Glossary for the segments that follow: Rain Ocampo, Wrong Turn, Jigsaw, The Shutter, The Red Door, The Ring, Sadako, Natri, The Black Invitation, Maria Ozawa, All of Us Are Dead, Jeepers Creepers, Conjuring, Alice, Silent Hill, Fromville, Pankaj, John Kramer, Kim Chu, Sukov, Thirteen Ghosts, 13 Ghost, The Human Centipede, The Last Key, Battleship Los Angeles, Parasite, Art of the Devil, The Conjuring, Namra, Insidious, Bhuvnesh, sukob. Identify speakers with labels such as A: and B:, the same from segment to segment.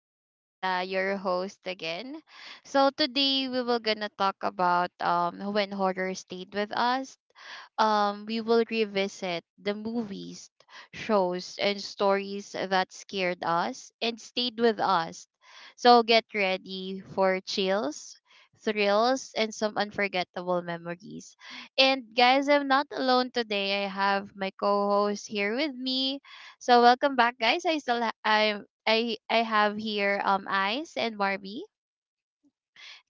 A: is Liza, your host again. So today we will gonna talk about when horror stayed with us. We will revisit the movies, shows and stories that scared us and stayed with us. So get ready for chills, thrills and some unforgettable memories. And guys, I'm not alone today. I have my co-host here with me. So welcome back, guys. I still ha- I have here Ice and Marby.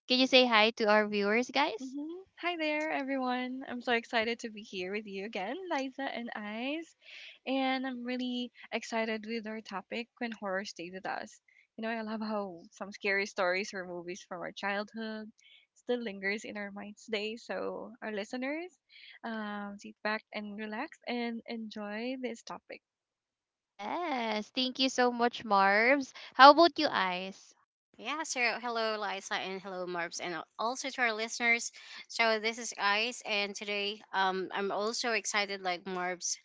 A: Can you say hi to our viewers, guys?
B: Hi there, everyone. I'm so excited to be here with you again, Liza and Ice. And I'm really excited with our topic when horror stayed with us. I love how some scary stories or movies from our childhood still lingers in our minds today. So, our listeners, sit back and relax and enjoy this topic.
A: Yes. Thank you so much, Marbs. How about you, Ice?
C: Yeah, so hello, Liza, and hello, Marbs, and also to our listeners. So this is Ice, and today I'm also excited, like Marbs,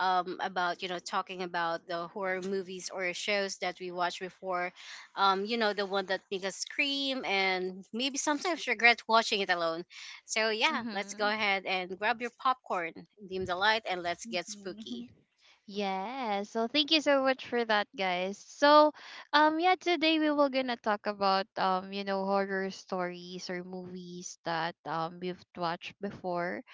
C: about talking about the horror movies or shows that we watched before. You know the one that make us scream and maybe sometimes regret watching it alone. So yeah, let's go
A: Mm-hmm.
C: ahead and grab your popcorn, dim the light, and let's get
B: Hmm.
C: spooky.
A: Yeah. So thank you so much for that, guys. So yeah, today we were gonna talk about horror stories or movies that we've watched before.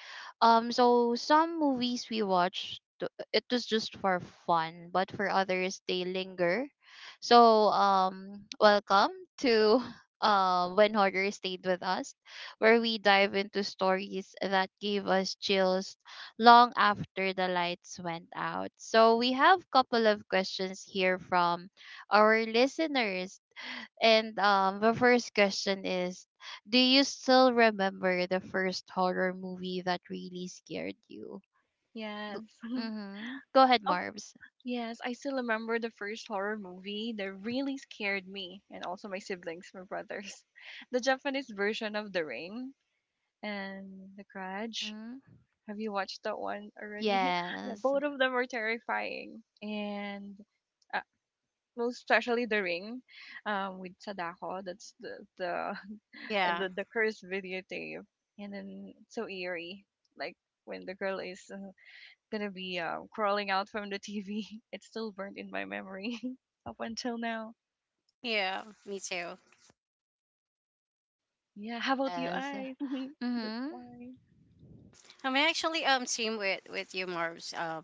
A: So some movies we watched, it was just for fun, but for others they linger. So welcome to when horror stayed with us, where we dive into stories that gave us chills long after the lights went out. So we have couple of questions here from our listeners, and the first question is, do you still remember the first horror movie that really scared you? Go,
B: Yes.
A: mm-hmm. Go ahead, Marbs.
B: Yes, I still remember the first horror movie that really scared me and also my siblings, my brothers. The Japanese version of The Ring and The Grudge.
A: Mm-hmm.
B: Have you watched that one already? Yeah,
A: Yes.
B: both of them are terrifying. And uh, most especially The Ring with Sadako. That's the and
C: Yeah,
B: the cursed videotape. And then it's so eerie. Like when the girl is gonna be crawling out from the TV. It's still burnt in my memory up until now.
C: yeah, me too.
B: Yeah, how about you,
A: Yes.
B: I? That's
A: Mm-hmm.
B: why.
C: I'm actually same with you, Marbs.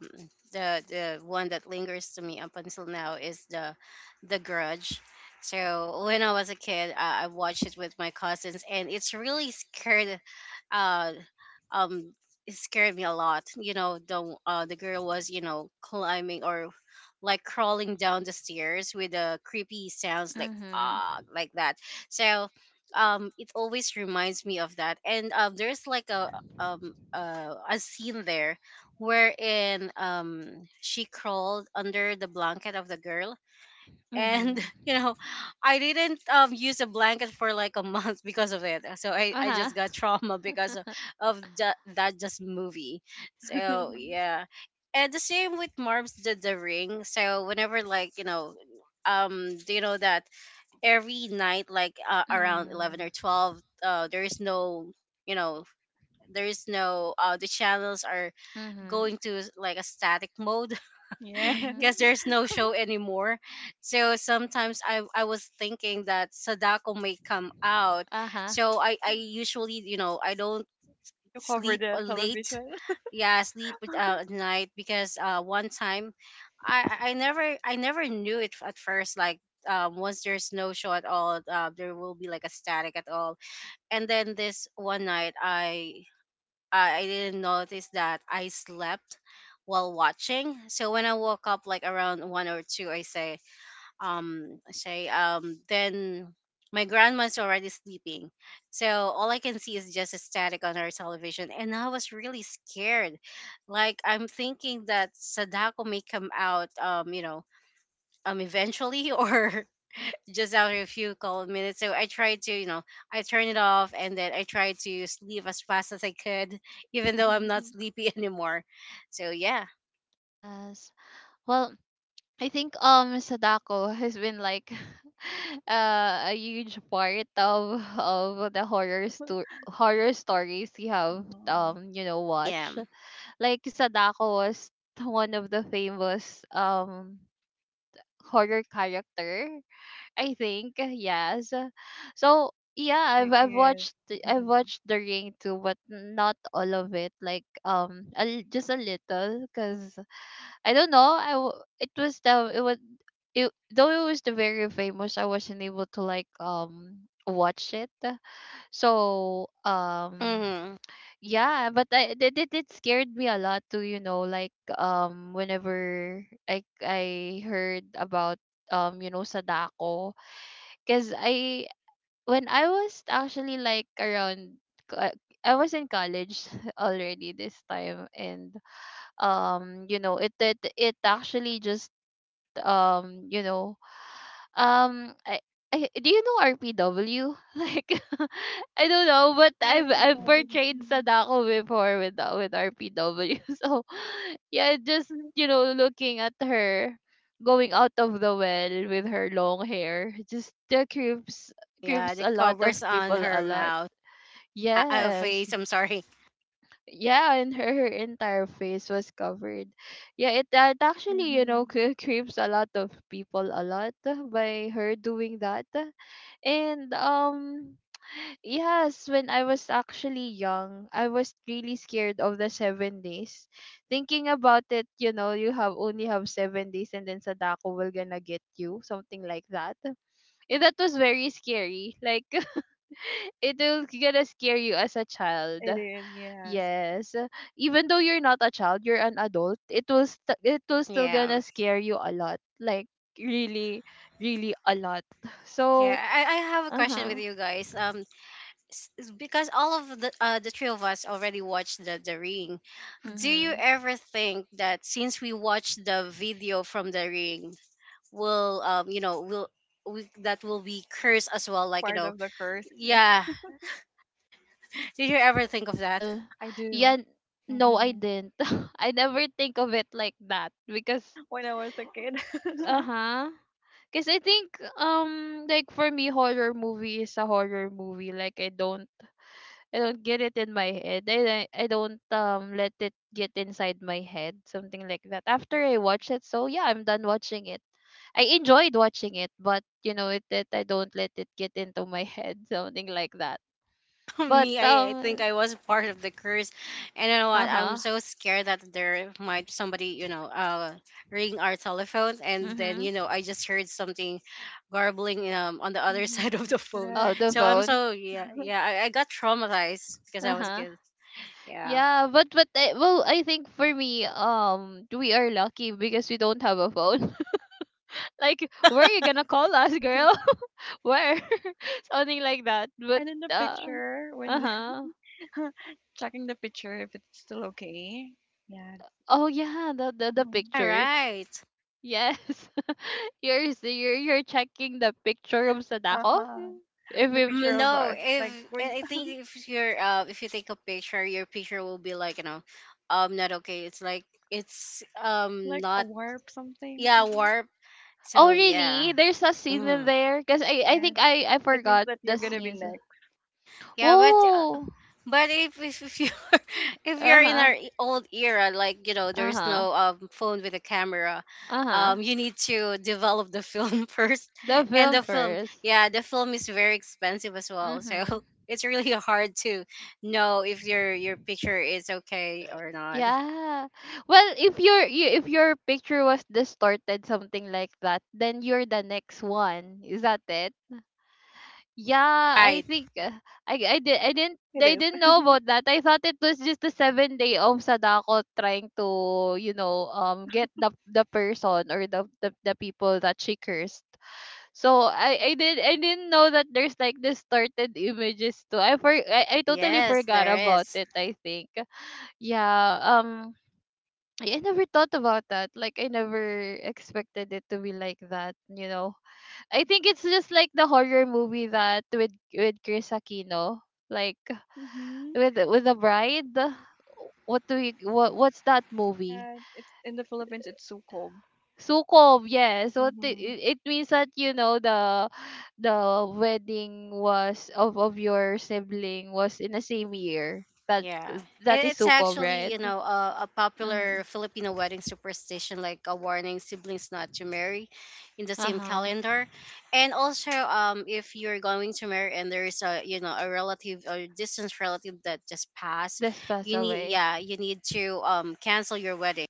C: The one that lingers to me up until now is the Grudge. So when I was a kid, I watched it with my cousins, and it's really scared. Uh, um, it scared me a lot. You know, the girl was climbing or like crawling down the stairs with the creepy sounds like
A: Mm-hmm.
C: ah like that. So it always reminds me of that, and there's like a scene there wherein she crawled under the blanket of the girl, and
A: Mm-hmm.
C: you know I didn't use a blanket for like a month because of it, so I
A: Uh-huh.
C: just got trauma because of that just movie. So yeah, and the same with Marbs did the ring. So whenever, like, you know, do you know that every night like around 11
A: Mm-hmm.
C: or 12, there is you know there's no the channels are
A: Mm-hmm.
C: going like a static mode
B: Yeah,
A: Mm-hmm.
C: because there's no show anymore. So sometimes I was thinking that Sadako may come out.
A: Uh-huh.
C: So I usually, you know, I don't
B: you cover
C: sleep
B: the
C: late,
B: television.
C: yeah, sleep at night, because one time I never knew it at first, like once there's no show at all, there will be like a static at all. And then this one night, I didn't notice that I slept while watching. So when I woke up like around one or two, I say, then my grandma's already sleeping. So all I can see is just a static on her television, and I was really scared. Like I'm thinking that Sadako may come out, eventually, or just after a few cold minutes. So I tried to, you know, I turn it off, and then I tried to sleep as fast as I could, even though I'm not
B: Mhm,
C: sleepy anymore. So yeah,
A: Yes. Well, I think Sadako has been like a huge part of the horror stories you have
B: mhm.
C: yeah,
A: watched. Like Sadako was one of the famous horror character, I think. Yes. So yeah, I've
B: She
A: I've
B: is.
A: watched the- I've
B: Mhm.
A: watched The Ring too, but not all of it. Like just a little, cause I don't know. It was the it was it, Though it was the very famous. I wasn't able to like watch it. So
C: hmm
A: yeah, but it scared me a lot too. Whenever I heard about Sadako, because I when I was actually like co- I was in college already this time, and it actually just um you know um I, I do you know RPW? Like, I don't know, but I've
B: RPW.
A: portrayed Sadako before with RPW. So yeah, just looking at her going out of the well with her long hair just creeps
C: yeah.
A: creeps
C: The
A: a lot of
C: covers on
A: people a
C: her
A: lot.
C: mouth,
A: Yes.
C: face. I'm sorry.
A: Yeah, and her entire face was covered. Yeah, it actually,
B: Mhm.
A: creeps a lot of people a lot by her doing that. And yes, when I was actually young, I was really scared of the 7 days. Thinking about it, you have only have 7 days and then Sadako will gonna get you, something like that. And that was very scary. Like it will gonna scare you as a child.
B: It is, yes.
A: Yes. Even though you're not a child, you're an adult, it will still
C: Yeah,
A: gonna scare you a lot. Like really, really a lot. So
C: yeah. I have a question with
A: uh-huh.
C: you guys. Because all of the three of us already watched the ring. Do you
A: Mm-hmm.
C: ever think that since we watched the video from the ring, will you know, that will be cursed as well, like, you
B: Part
C: know,
B: of the curse. Yeah,
C: yeah, did you ever think of that?
A: Well,
B: I do.
A: yeah, no, I
B: hmm
A: didn't. I never think of it like that because,
B: When I was a kid.
A: uh huh. Because I think, like for me, horror movie is a horror movie. Like I don't get it in my head. I don't let it get inside my head, something like that. After I watch it, so yeah, I'm done watching it. I enjoyed watching it, but it that I don't let it get into my head, something like that. But
C: Me, I think I was part of the curse, and you know what, I'm
A: uh
C: so scared that there might somebody, you know, ring our telephone, and then,
A: huh.
C: you know, I just heard something garbling on the other side of
B: Hmm.
C: the phone.
A: Oh, the
B: Correct.
C: So I'm
A: phone.
C: so yeah, yeah, I got traumatized because I was a
A: Uh-huh.
C: kid, yeah.
A: Yeah, but well, I think for me, we are lucky because we don't have a phone. Like, where are you gonna call us, girl? Where? Something like that. But
B: And in the
A: uh,
B: picture, when
A: uh-huh.
B: checking the picture if it's still okay. Yeah.
A: Oh yeah, the
B: Mhm.
C: All
A: picture.
C: right.
A: Yes. you're, s- you're checking the picture of Sadako.
B: Uh-huh.
A: If
B: The
A: it was
B: picture
A: just.
B: of
C: No,
B: us,
C: if
B: like when,
C: I I think if you're if you take a picture, your picture will be like, you know, not okay. It's like it's
B: like a
C: not
B: warp something.
C: yeah
B: Hmm.
C: warp.
A: Oh
C: So
A: really?
C: yeah,
A: There's a scene in
C: mm.
A: there because I
B: Yes,
A: think I
B: it means
A: forgot
B: that you're
A: the
B: gonna be
A: scenes.
B: next.
C: Yeah.
A: Whoa.
C: But if you if
A: Uh
C: you're in
A: huh.
C: our old era, like, you know,
A: Uh
C: there's
A: huh.
C: no phone with a camera.
A: Uh-huh.
C: You need to develop the film first,
A: The
C: and
A: film
C: the film,
A: first.
C: yeah, the film is very expensive as well. So
A: Mhm.
C: it's really hard to know if your picture is okay or not.
A: Yeah. Well, if your picture was distorted, something like that, then you're the next one. Is that it? Yeah, I
C: Right?
A: think I I did I didn't
B: It
A: I
B: is.
A: didn't know about that. I thought it was just a 7 day of Sadako trying to get the person or the people that she cursed. So I didn't know that there's like distorted images too. I totally
C: Yes,
A: forgot
C: there
A: about
C: is.
A: it, I think. Yeah, I never thought about that. Like I never expected it to be like that. I think it's just like the horror movie that with Chris Aquino, like
B: Mm-hmm.
A: with the bride. What do you what what's that movie?
B: Yeah, it's in the Philippines. It's Sukob.
A: Sukov, yes. So t-
B: Mm-hmm.
A: it, it means that the wedding was of your sibling was in the same year. That
C: Yeah.
A: that
C: It,
A: is
C: it's
A: Sukov,
C: actually,
A: right?
C: you know, a
A: Mm-hmm.
C: popular Filipino wedding superstition, like a warning siblings not to marry in the
A: Uh
C: same
A: huh.
C: calendar. And also, if you're going to marry and there is a, you know, a relative or distant relative that just passed,
A: This passed
C: you need,
A: away.
C: yeah, you need to cancel your wedding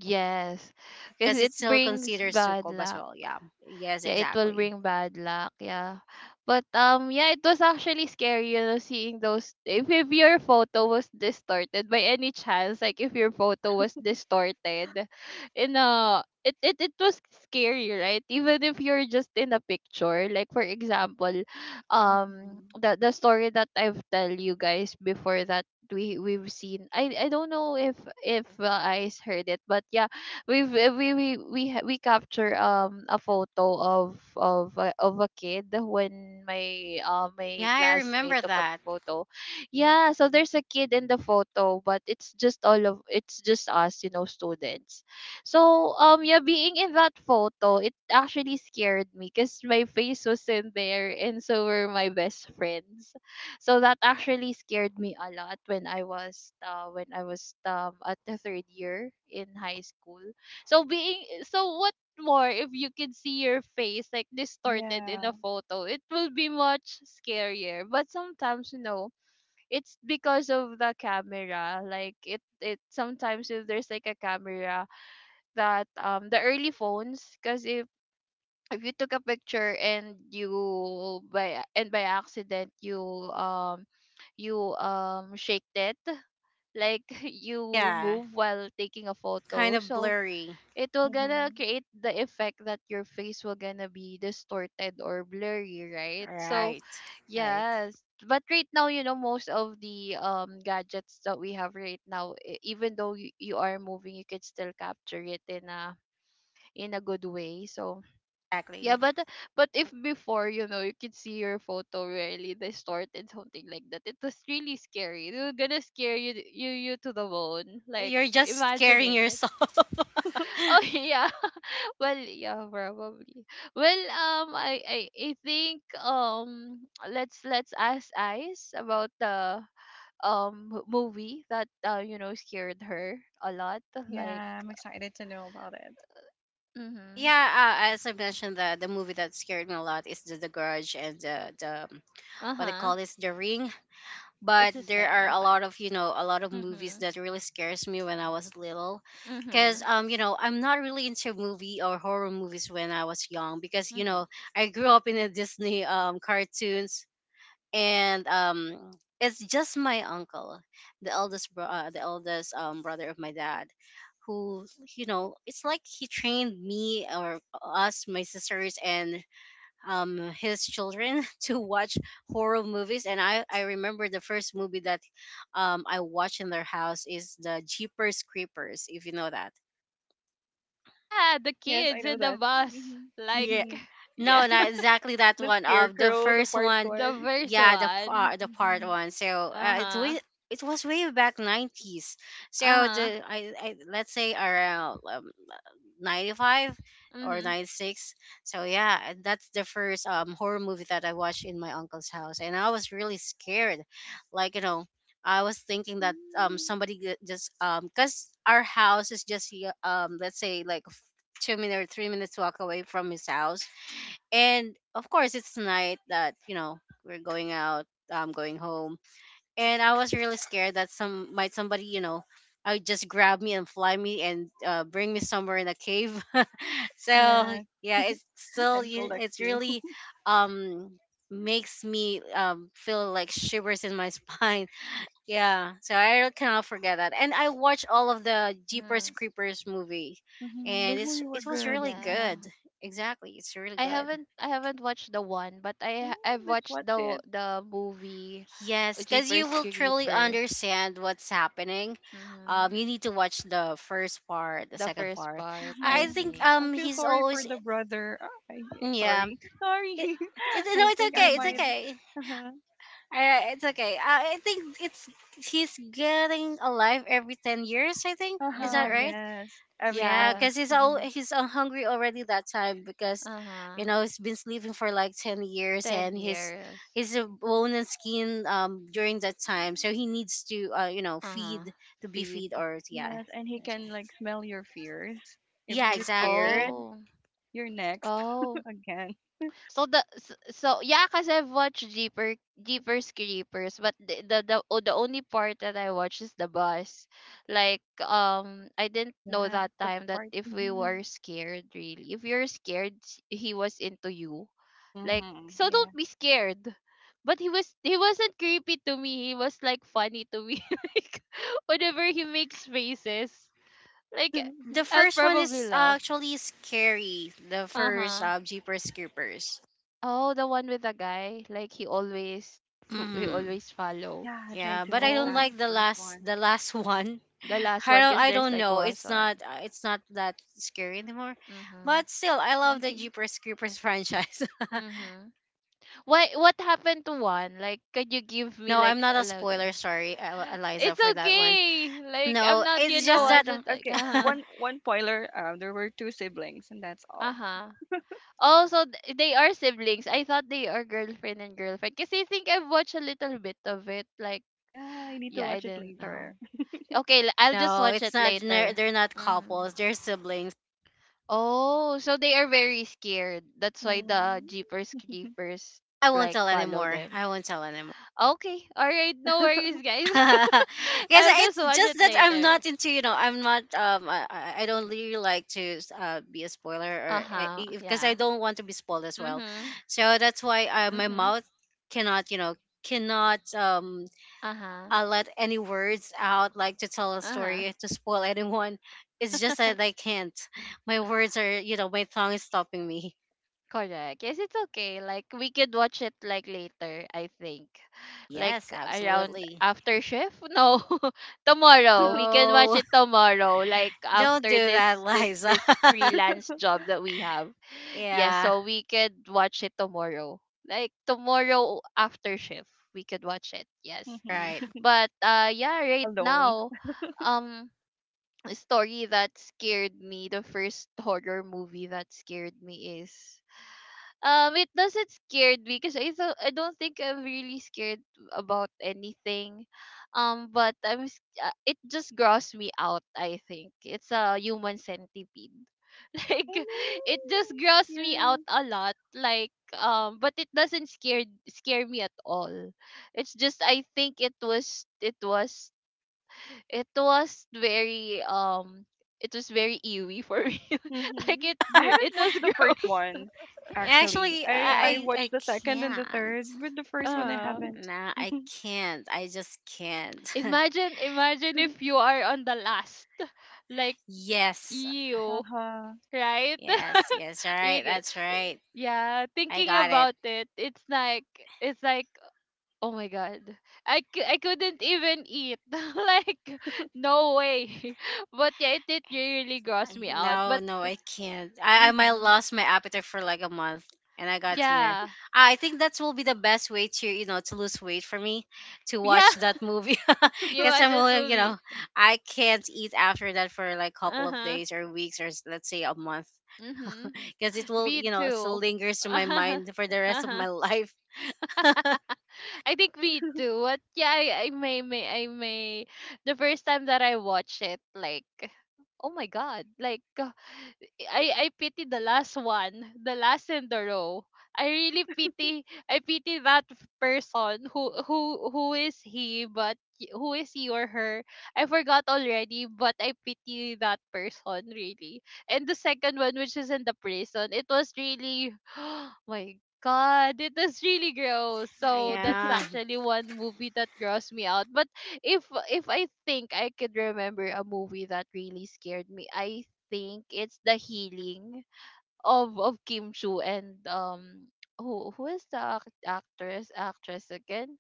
A: Yes, because
C: because it
A: it
C: still
A: brings
C: considers
A: bad
C: sukob as
A: luck.
C: well. Yeah. Yes,
A: Yeah, it will
C: exactly.
A: bring bad luck. Yeah. But yeah, it was actually scary, seeing those if your photo was distorted by any chance, like if your photo was distorted, it was scary, right? Even if you're just in a picture. Like for example,
B: Mm-hmm.
A: the story that I've tell you guys before that we've seen I don't know if I heard it but yeah, we've we ha- we capture a photo of a kid when my
C: Yeah, I
A: classmate
C: remember
A: took a
C: that.
A: photo. Yeah, so there's a kid in the photo, but it's just us, students. So yeah, being in that photo, it actually scared me because my face was in there and so were my best friends. So that actually scared me a lot when I was at the third year in high school. So being so what more if you could see your face like distorted in a
B: Yeah.
A: photo, it will be much scarier. But sometimes it's because of the camera. Like it sometimes if there's like a camera, that the early phones, because if you took a picture and you by accident you um shake it, like you
C: Yeah.
A: move while taking a
C: Kind
A: photo,
C: of
A: so
C: blurry.
A: it will gonna
B: Mm-hmm.
A: create the effect that your face will gonna be distorted or blurry, right? So,
C: Right. Right.
A: yes. But right now, most of the gadgets that we have right now, even though you are moving, you can still capture it in a good way. So
C: Exactly.
A: yeah, but if before, you could see your photo really distorted, something like that, it was really scary. It was gonna scare you to the bone, like
C: You're just scaring
A: imagining it.
C: yourself.
A: Oh yeah. Well, yeah, probably. Well, I think let's ask Ice about the movie that scared her a lot. Like,
B: Yeah, I'm excited to know about it.
A: mm-hmm,
C: Yeah, as I mentioned, the movie that scared me a lot is the Garage and the what they
A: uh-huh.
C: call this, The Ring. But
A: It's his
C: there are
A: hair.
C: a
A: Okay.
C: lot of, you know, a lot of movies
A: Mm-hmm.
C: that really scares me when I was little, because
A: Mm-hmm.
C: you know I'm not really into movie or horror movies when I was young because, you
A: Mm-hmm.
C: know, I grew up in a Disney cartoons, and it's just my uncle, the eldest brother of my dad, who, you know, it's like he trained me or us, my sisters, and his children to watch horror movies. And I remember the first movie that I watched in their house is the Jeepers Creepers, if you know that.
A: Yeah, the
B: Yes, I
A: kids
B: know
A: in the
B: that.
A: bus.
B: Mm-hmm.
A: Like,
B: Mm-hmm.
A: yeah,
C: No, not exactly that
B: The
C: one. Of the
B: scarecrow, the
C: first
B: part
C: one,
A: the
B: one.
A: first
C: yeah, the
A: one.
C: part, the part
B: Mm-hmm.
C: one. So uh, it
A: Uh-huh.
C: we it was way back nineties. So
A: Uh-huh.
C: the I let's say around 95 or
A: Mm-hmm.
C: 96. So yeah, that's the first horror movie that I watched in my uncle's house, and I was really scared. Like, you know, I was thinking that
B: Mm-hmm.
C: somebody ju- just cause our house is just let's say like 2 minute or 3 minutes walk away from his house, and of course, it's night that, you know, we're going out, I'm going home, and I was really scared that somebody, you know, I would just grab me and fly me and bring me somewhere in a cave. So
B: Yeah,
C: yeah, it's still
B: and collect
C: it's
B: you.
C: really um makes me feel like shivers in my spine. Yeah, so I really cannot forget that, and I watched all of the Jeepers
A: Mm-hmm.
C: Creepers movie,
B: Mhm.
C: and
B: Those movies were
C: it was
B: good.
C: really
A: Yeah.
B: Mhm.
C: good. Exactly, it's really
A: I
C: good.
A: haven't I haven't watched the one, but
B: Mm,
A: I've
B: let's
A: watched
B: watch
A: the
B: it.
A: the movie
C: Yes, because you
A: Jeepers
C: will truly
A: Creepers.
C: understand what's happening.
A: Mm-hmm.
C: You need to watch the first part, the
A: The
C: second
A: first
C: part.
A: part, I
C: I
B: Mhm.
C: think
A: see.
B: I feel
C: he's
B: sorry for
C: always
B: the brother. Ah, I,
C: yeah.
B: sorry.
C: It,
B: Sorry.
C: it no,
B: I
C: it's
B: think I
C: okay. It's
B: might.
A: Mm-hmm.
C: okay.
B: Uh-huh.
C: All right, it's okay. I think it's he's getting alive every 10 years. I think, is that
B: Uh-huh.
C: right?
A: Mm-hmm.
B: Yes. Every
C: Yeah,
A: Yeah.
B: 20.
C: because
B: Mhm.
C: he's all hungry already that time because, you
A: Uh-huh.
C: know, he's been sleeping for like 10 years,
A: Ten
C: and
A: years.
C: he's a bone and skin during that time, so he needs to you know
A: Uh-huh.
C: feed, to be feed,
A: Feed.
C: or yeah,
B: Yes, and he
C: that's right.
B: can like smell your fears. If
C: Yeah,
B: you're scared,
C: exactly.
A: Oh.
B: you're next
A: Oh.
B: again.
A: So yeah, cause I've watched Jeepers Creepers, but the only part that I watched is the bus. Like I didn't know
B: Yeah, that's
A: that
B: the
A: time that
B: part.
A: if we
B: Mhm.
A: were scared really, if you're scared, he was into you. Like
B: Mhm.
A: so,
B: Yeah.
A: don't be scared. But he wasn't creepy to me. He was like funny to me. Like whenever he makes faces, like
C: The
A: I'll
C: first one
A: probably
C: is
A: laugh.
C: actually scary. The
A: Uh
C: first
A: huh.
C: Jeepers Creepers.
A: Oh, the one with the guy. Like he
C: Mm-hmm.
A: always follow.
B: Yeah, I tried
C: Yeah,
B: to
C: but I
B: watch
C: don't
A: Oh,
B: that the
C: like
B: first one.
C: the last one.
A: the last
C: I
A: one,
C: don't,
A: cause
C: I
A: there's
C: don't
A: like
C: know.
A: Wason.
C: It's not that scary anymore.
A: Mhm.
C: But still, I love the Jeepers Creepers franchise.
A: Mhm. Why? What happened to one? Like, can you give me
C: No, I'm
A: like
C: not
A: a
C: a
A: loud?
C: spoiler. Sorry, Eliza,
A: It's
C: for that one.
A: okay. Like I'm
C: No,
A: not. You
C: it's
A: know
C: just
B: Um,
A: what?
C: that.
A: Just like
B: okay,
A: uh huh.
B: one spoiler. There were two siblings, and that's
A: Uh
B: all.
A: huh. Also, they are siblings. I thought they are girlfriend and girlfriend. Cause I think I've watched a little bit of it. Like
B: Yeah, I need to
A: yeah, I
B: watch it
A: didn't
B: later.
A: know. Okay, I'll just
C: No,
A: watch
C: it's
A: it
C: not.
A: later.
C: They're not couples.
A: Mhm.
C: They're siblings.
A: Oh, so they are very scared. That's why the
B: Mm.
A: Jeepers Creepers
C: I won't
A: like
C: tell
A: follow
C: anymore.
A: them.
C: I won't tell anymore.
A: Okay, all right, no worries, guys.
C: Because
A: I'll just
C: it's
A: watch
C: just
A: it
C: that I'm
A: later.
C: not into, you know, I'm not, I don't really like to be a
A: Uh
C: spoiler or
A: huh.
C: because I
A: Yeah.
C: don't want to be spoiled as well.
A: Mhm.
C: So that's why my
A: Mhm.
C: mouth cannot, you know, cannot
A: Uh huh.
C: let any words out, like to tell a
A: Uh huh.
C: story to spoil anyone. It's just that I can't. My words are, you know, my tongue is stopping me.
A: Correct. Yes, it's okay. Like we could watch it like later, I think. Like
C: Yes,
A: around
C: absolutely.
A: after shift? No. Tomorrow. We can watch
C: No,
A: it tomorrow. Like
C: don't
A: after
C: do that,
A: this this
C: Liza.
A: this freelance job that we have. Yes,
C: Yeah,
A: so we could watch it tomorrow. Like tomorrow after shift, we could watch it. Yes.
C: right.
A: But right
B: Alone.
A: now, um a story that scared me, the first horror movie that scared me is it doesn't scared me because I thought I don't think I'm really scared about anything. But it just grossed me out, I think. It's a human centipede. Like
B: Oh
A: it
B: no.
A: just grossed me
B: Yeah.
A: out a lot. But it doesn't scare me at all. It's just I think it was very it was very eerie for me. Like
B: hmm I
A: it
B: haven't
A: was
B: watched the first
A: gross.
B: one, actually.
C: Actually,
B: I
A: Yeah.
C: I
B: watched
C: I
B: the second and the
C: can't.
B: third, but the first one I
A: uh
B: haven't.
C: Nah, I
B: Uh
C: can't. I just can't.
A: Imagine, imagine if you are on the last. Like
C: Yes,
A: you
B: huh.
A: right.
C: yes, yes. All
A: you,
C: right,
A: g-
C: that's right.
A: yeah,
C: I
A: thinking
C: got it.
A: about it, it's like, oh my god. I couldn't even eat. Like no way. But yeah, it did really gross
C: I-
A: me out.
C: No,
A: But
C: no, I can't. I might
A: mhm.
C: lost my appetite for like a month, and I got thinner.
A: Yeah.
C: I think that will be the best way to, you know, to lose weight for me to
A: Yeah.
C: watch that movie.
A: You
C: Because
A: watch
C: I'm all,
A: that
C: you
A: movie.
C: know, I can't eat after that for like couple of
A: Uh-huh.
C: days or weeks, or let's say a month,
A: Mhm.
C: because it will,
A: Me
C: you know, still
A: too.
C: lingers to my
A: Uh-huh.
C: mind for the rest of
A: Uh-huh.
C: my life.
A: I think me too. But yeah, I may the first time that I watched it, like oh my god. Like I pity the last one, the last in the row. I pity that person who is he but y- who is he or her? I forgot already, but I pity that person really. And the second one, which is in the prison, it was really my god, it was really gross. So that's
C: Yeah,
A: actually one movie that grossed me out. But if I think I could remember a movie that really scared me, I think it's The Healing of Kim Chu and who is the ac- actress again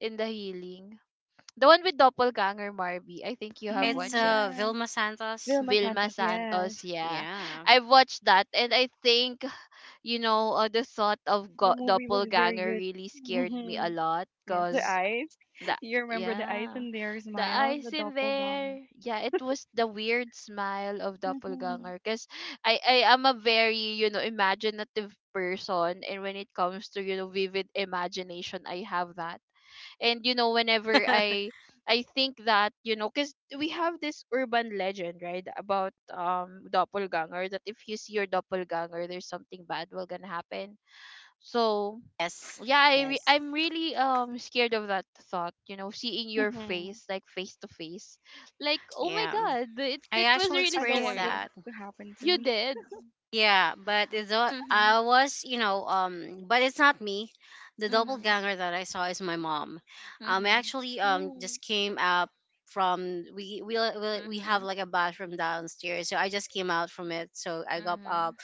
A: in The Healing, the one with doppelganger Marby. I think you have
C: it's
B: Hmm.
A: watched it.
B: Yes.
C: Vilma Santos.
B: Vilma
A: Vilma
B: Santos.
A: Santos,
B: Yes,
A: yeah.
C: Yeah.
A: I've watched that, and I think the thought of
B: the movie was very
A: doppelganger
B: good.
A: really scared me a
B: Hmm.
A: lot.
B: Yes, the
A: Because
B: eyes.
A: the
B: You remember the eyes
A: yeah,
B: and their
A: the
B: smile, the
A: eyes in
B: doppelganger.
A: there, yeah, it was the weird smile of
B: Mm-hmm.
A: doppelganger. Because I am a very, you know, imaginative person, and when it comes to, you know, vivid imagination, I have that. And you know, whenever i i think that, you know, because we have this urban legend, right, about doppelganger, that if you see your doppelganger, there's something bad will gonna happen. So
C: Yes.
A: yeah,
C: Yes.
A: I'm really scared of that thought, you know, seeing your
B: Mm-hmm.
A: face, like face to face. Like oh my
C: Yeah.
A: god,
C: I
A: it was
C: actually
A: really
B: I don't
C: experienced
B: want that
A: scary.
C: that.
B: to happen to
A: You
B: me.
A: did.
C: Yeah, but it's not,
A: Mhm.
C: I was, you know, but it's not me. The
A: Mhm.
C: doppelganger that I saw is my mom. I
A: Mhm.
C: actually
B: Oh,
C: just came up from we have
A: Mhm.
C: like a bathroom downstairs, so I just came out from it. So I got up,
A: Mhm.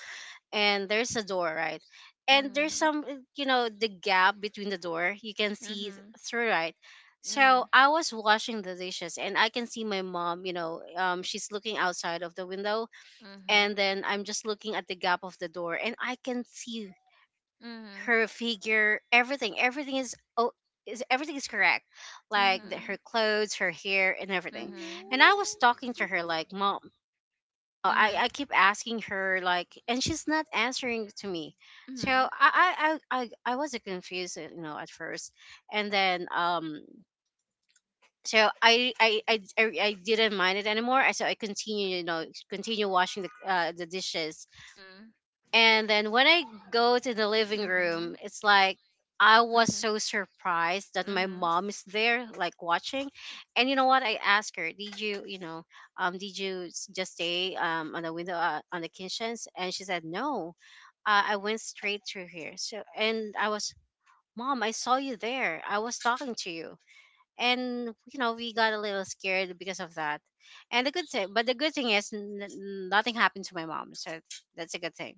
C: and there's a door, right? And there's
A: Mhm.
C: some, you know, the gap between the door you can see
A: Mhm.
C: through, right? So I was washing the dishes and I can see my mom, she's looking outside of the window. And
A: Mhm.
C: then I'm just looking at the gap of the door and I can see
A: Mhm.
C: her figure. Everything, everything is, oh, is everything is correct,
A: Mhm.
C: like the, her
A: Mhm.
C: clothes, her hair and
B: oh
C: everything.
B: no.
A: Mhm.
C: And I was talking to her like, "Mom." Oh, I,
A: Mhm.
C: I keep asking her like, and she's not answering to me. So
A: Mhm.
C: I i was confused, you know, at first. And then so I didn't mind it anymore. So I continue, you know, continue washing the dishes.
A: Mhm.
C: And then when I go to the living room, it's like I
A: Mhm.
C: was
A: Mhm.
C: so surprised that my
A: Mhm.
C: mom is there, like watching. And you know what? I asked her, "Did you, you know, did you just stay on the window, on the kitchens?" And she said, "No, I went straight through here." So, and I was, "Mom, I saw you there. I was talking to you." And you know, we got a little scared because of that. And the good thing, but the good thing is, nothing happened to my mom, so that's a good thing.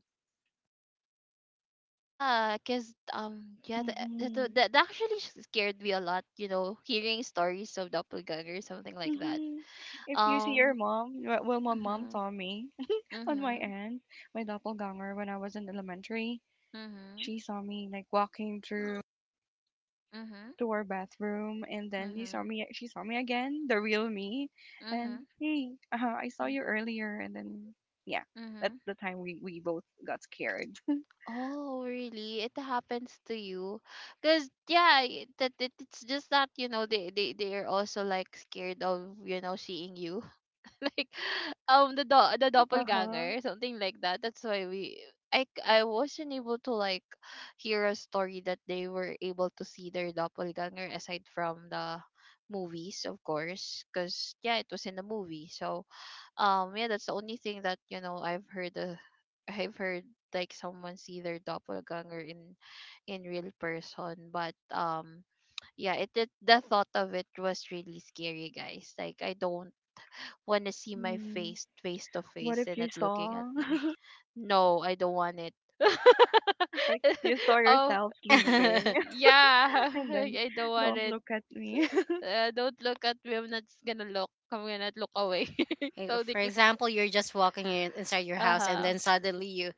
A: Yeah, cause yeah,
B: Mm-hmm.
A: that actually scared me a lot. You know, hearing stories of doppelganger or something like that.
B: Mm-hmm. If you see your
A: Um.
B: mom, well, well, my mom
A: Mhm.
B: saw me on my
A: Mhm.
B: end, my doppelganger when I was in elementary.
A: Mhm.
B: She saw me like walking through
A: Mhm.
B: to our bathroom, and then he saw
A: Mhm.
B: me she saw me again, the real me, and
A: Mhm.
B: hey, I saw
A: Mm.
B: you earlier. And then yeah, at
A: Mhm.
B: the time we both got scared.
A: Oh, really? It happens to you? Cause yeah, that it's just that, you know, they are also like scared of, you know, seeing you. Like the the
B: Uh-huh.
A: doppelganger, something like that. That's why we I wasn't able to like hear a story that they were able to see their doppelganger aside from the movies, of course, because yeah, it was in the movie. So yeah, that's the only thing that, you know, I've heard like someone see their doppelganger in real person. But yeah, it, the thought of it was really scary, guys. Like I don't want to see my
B: Mhm.
A: face face to
B: What
A: face
B: if
A: and
B: you
A: not looking at
B: saw
A: me. No, I don't want it.
B: like you saw
A: Oh,
B: yourself sleeping
A: yeah.
B: and then
A: I don't want
B: don't
A: it.
B: look at me?
A: Don't look at me. I'm not s- gonna look. I'm gonna look away.
C: Eh,
A: So
C: for
A: declare.
C: example, you're just walking inside your
A: Uh
C: house, and
A: huh.
C: then suddenly you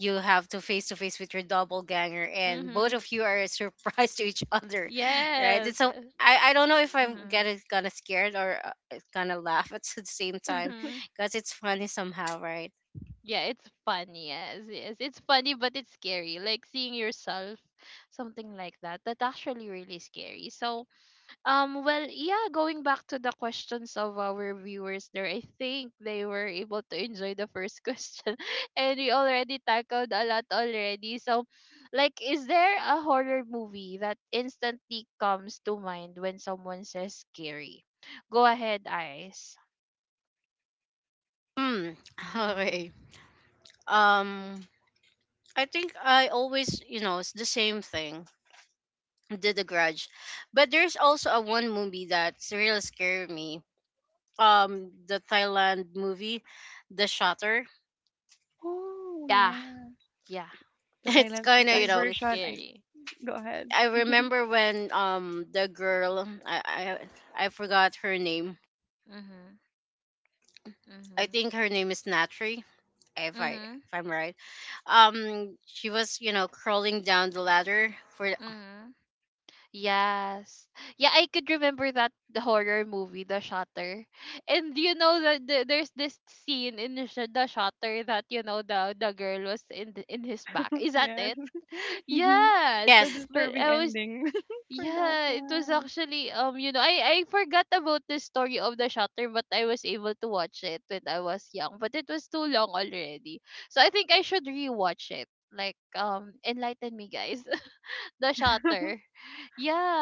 C: you have to face with your doppelganger, and both
A: Mhm.
C: of you are surprised to each other, right? And
A: Yes.
C: so I don't know if I'm
A: Mhm.
C: getting kind of scared or gonna laugh at the same time,
A: Mhm.
C: because it's funny somehow, right?
A: Yeah, it's funny. Yes, yes, it's funny, but it's scary. Like seeing yourself, something like that. That actually really scary. So, well, yeah, going back to the questions of our viewers there, I think they were able to enjoy the first question, and we already tackled a lot already. So, like, is there a horror movie that instantly comes to mind when someone says scary? Go ahead, eyes.
C: Hmm. Okay.
A: Mm-hmm.
C: um I think I always, you know, it's the same thing, did The Grudge. But there's also a one movie that's really scared me, the Thailand movie, The Shutter.
A: Oh,
B: Oh
A: yeah.
B: yeah,
A: Yeah,
B: the
C: It's
B: Thailand, the
C: kind of,
B: Thai
C: you
A: that's
C: know,
A: really
B: version. I
A: scary.
B: go ahead.
C: I remember when the girl, I I forgot her name.
A: Mm-hmm.
C: I
A: Mm-hmm.
C: think her name is Natri, if I if I'm right. She was, you know, crawling down the ladder for,
A: Mm-hmm. Yes. Yeah, I could remember that the horror movie, The Shutter. And you know that the, there's this scene in the, the Shutter, that you know, the girl was in the, in his back. Is that
B: Yes.
A: it?
B: Mhm.
A: Yes.
B: The
C: yes,
A: But
B: disturbing
A: I was
B: ending for that
A: yeah, it was
B: one.
A: actually you know, I forgot about the story of The Shutter, but I was able to watch it when I was young, but it was too long already. So I think I should rewatch it. Like enlighten me, guys. The Shutter.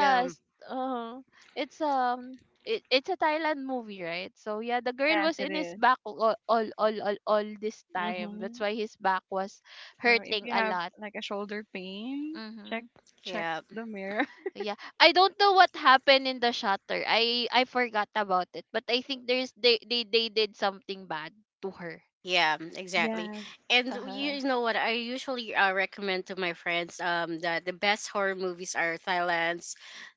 C: um,
A: Uh, it's it's a Thailand movie, right? So yeah, the girl
B: Yes,
A: was
B: it
A: in his
B: is.
A: back all this time. That's
B: Mm-hmm.
A: why his back was
B: So if
A: hurting
B: you
A: a
B: have
A: lot.
B: like a shoulder pain, check,
A: Mm-hmm.
B: check
C: yeah.
B: the mirror.
A: Yeah. I don't know what happened in the shutter. I forgot about it. But I think there's they did something bad to her.
C: Yeah, exactly.
B: Yes,
C: And you
A: Uh-huh.
C: you know what? I usually recommend to my friends that the best horror movies are Thailand's,
A: Like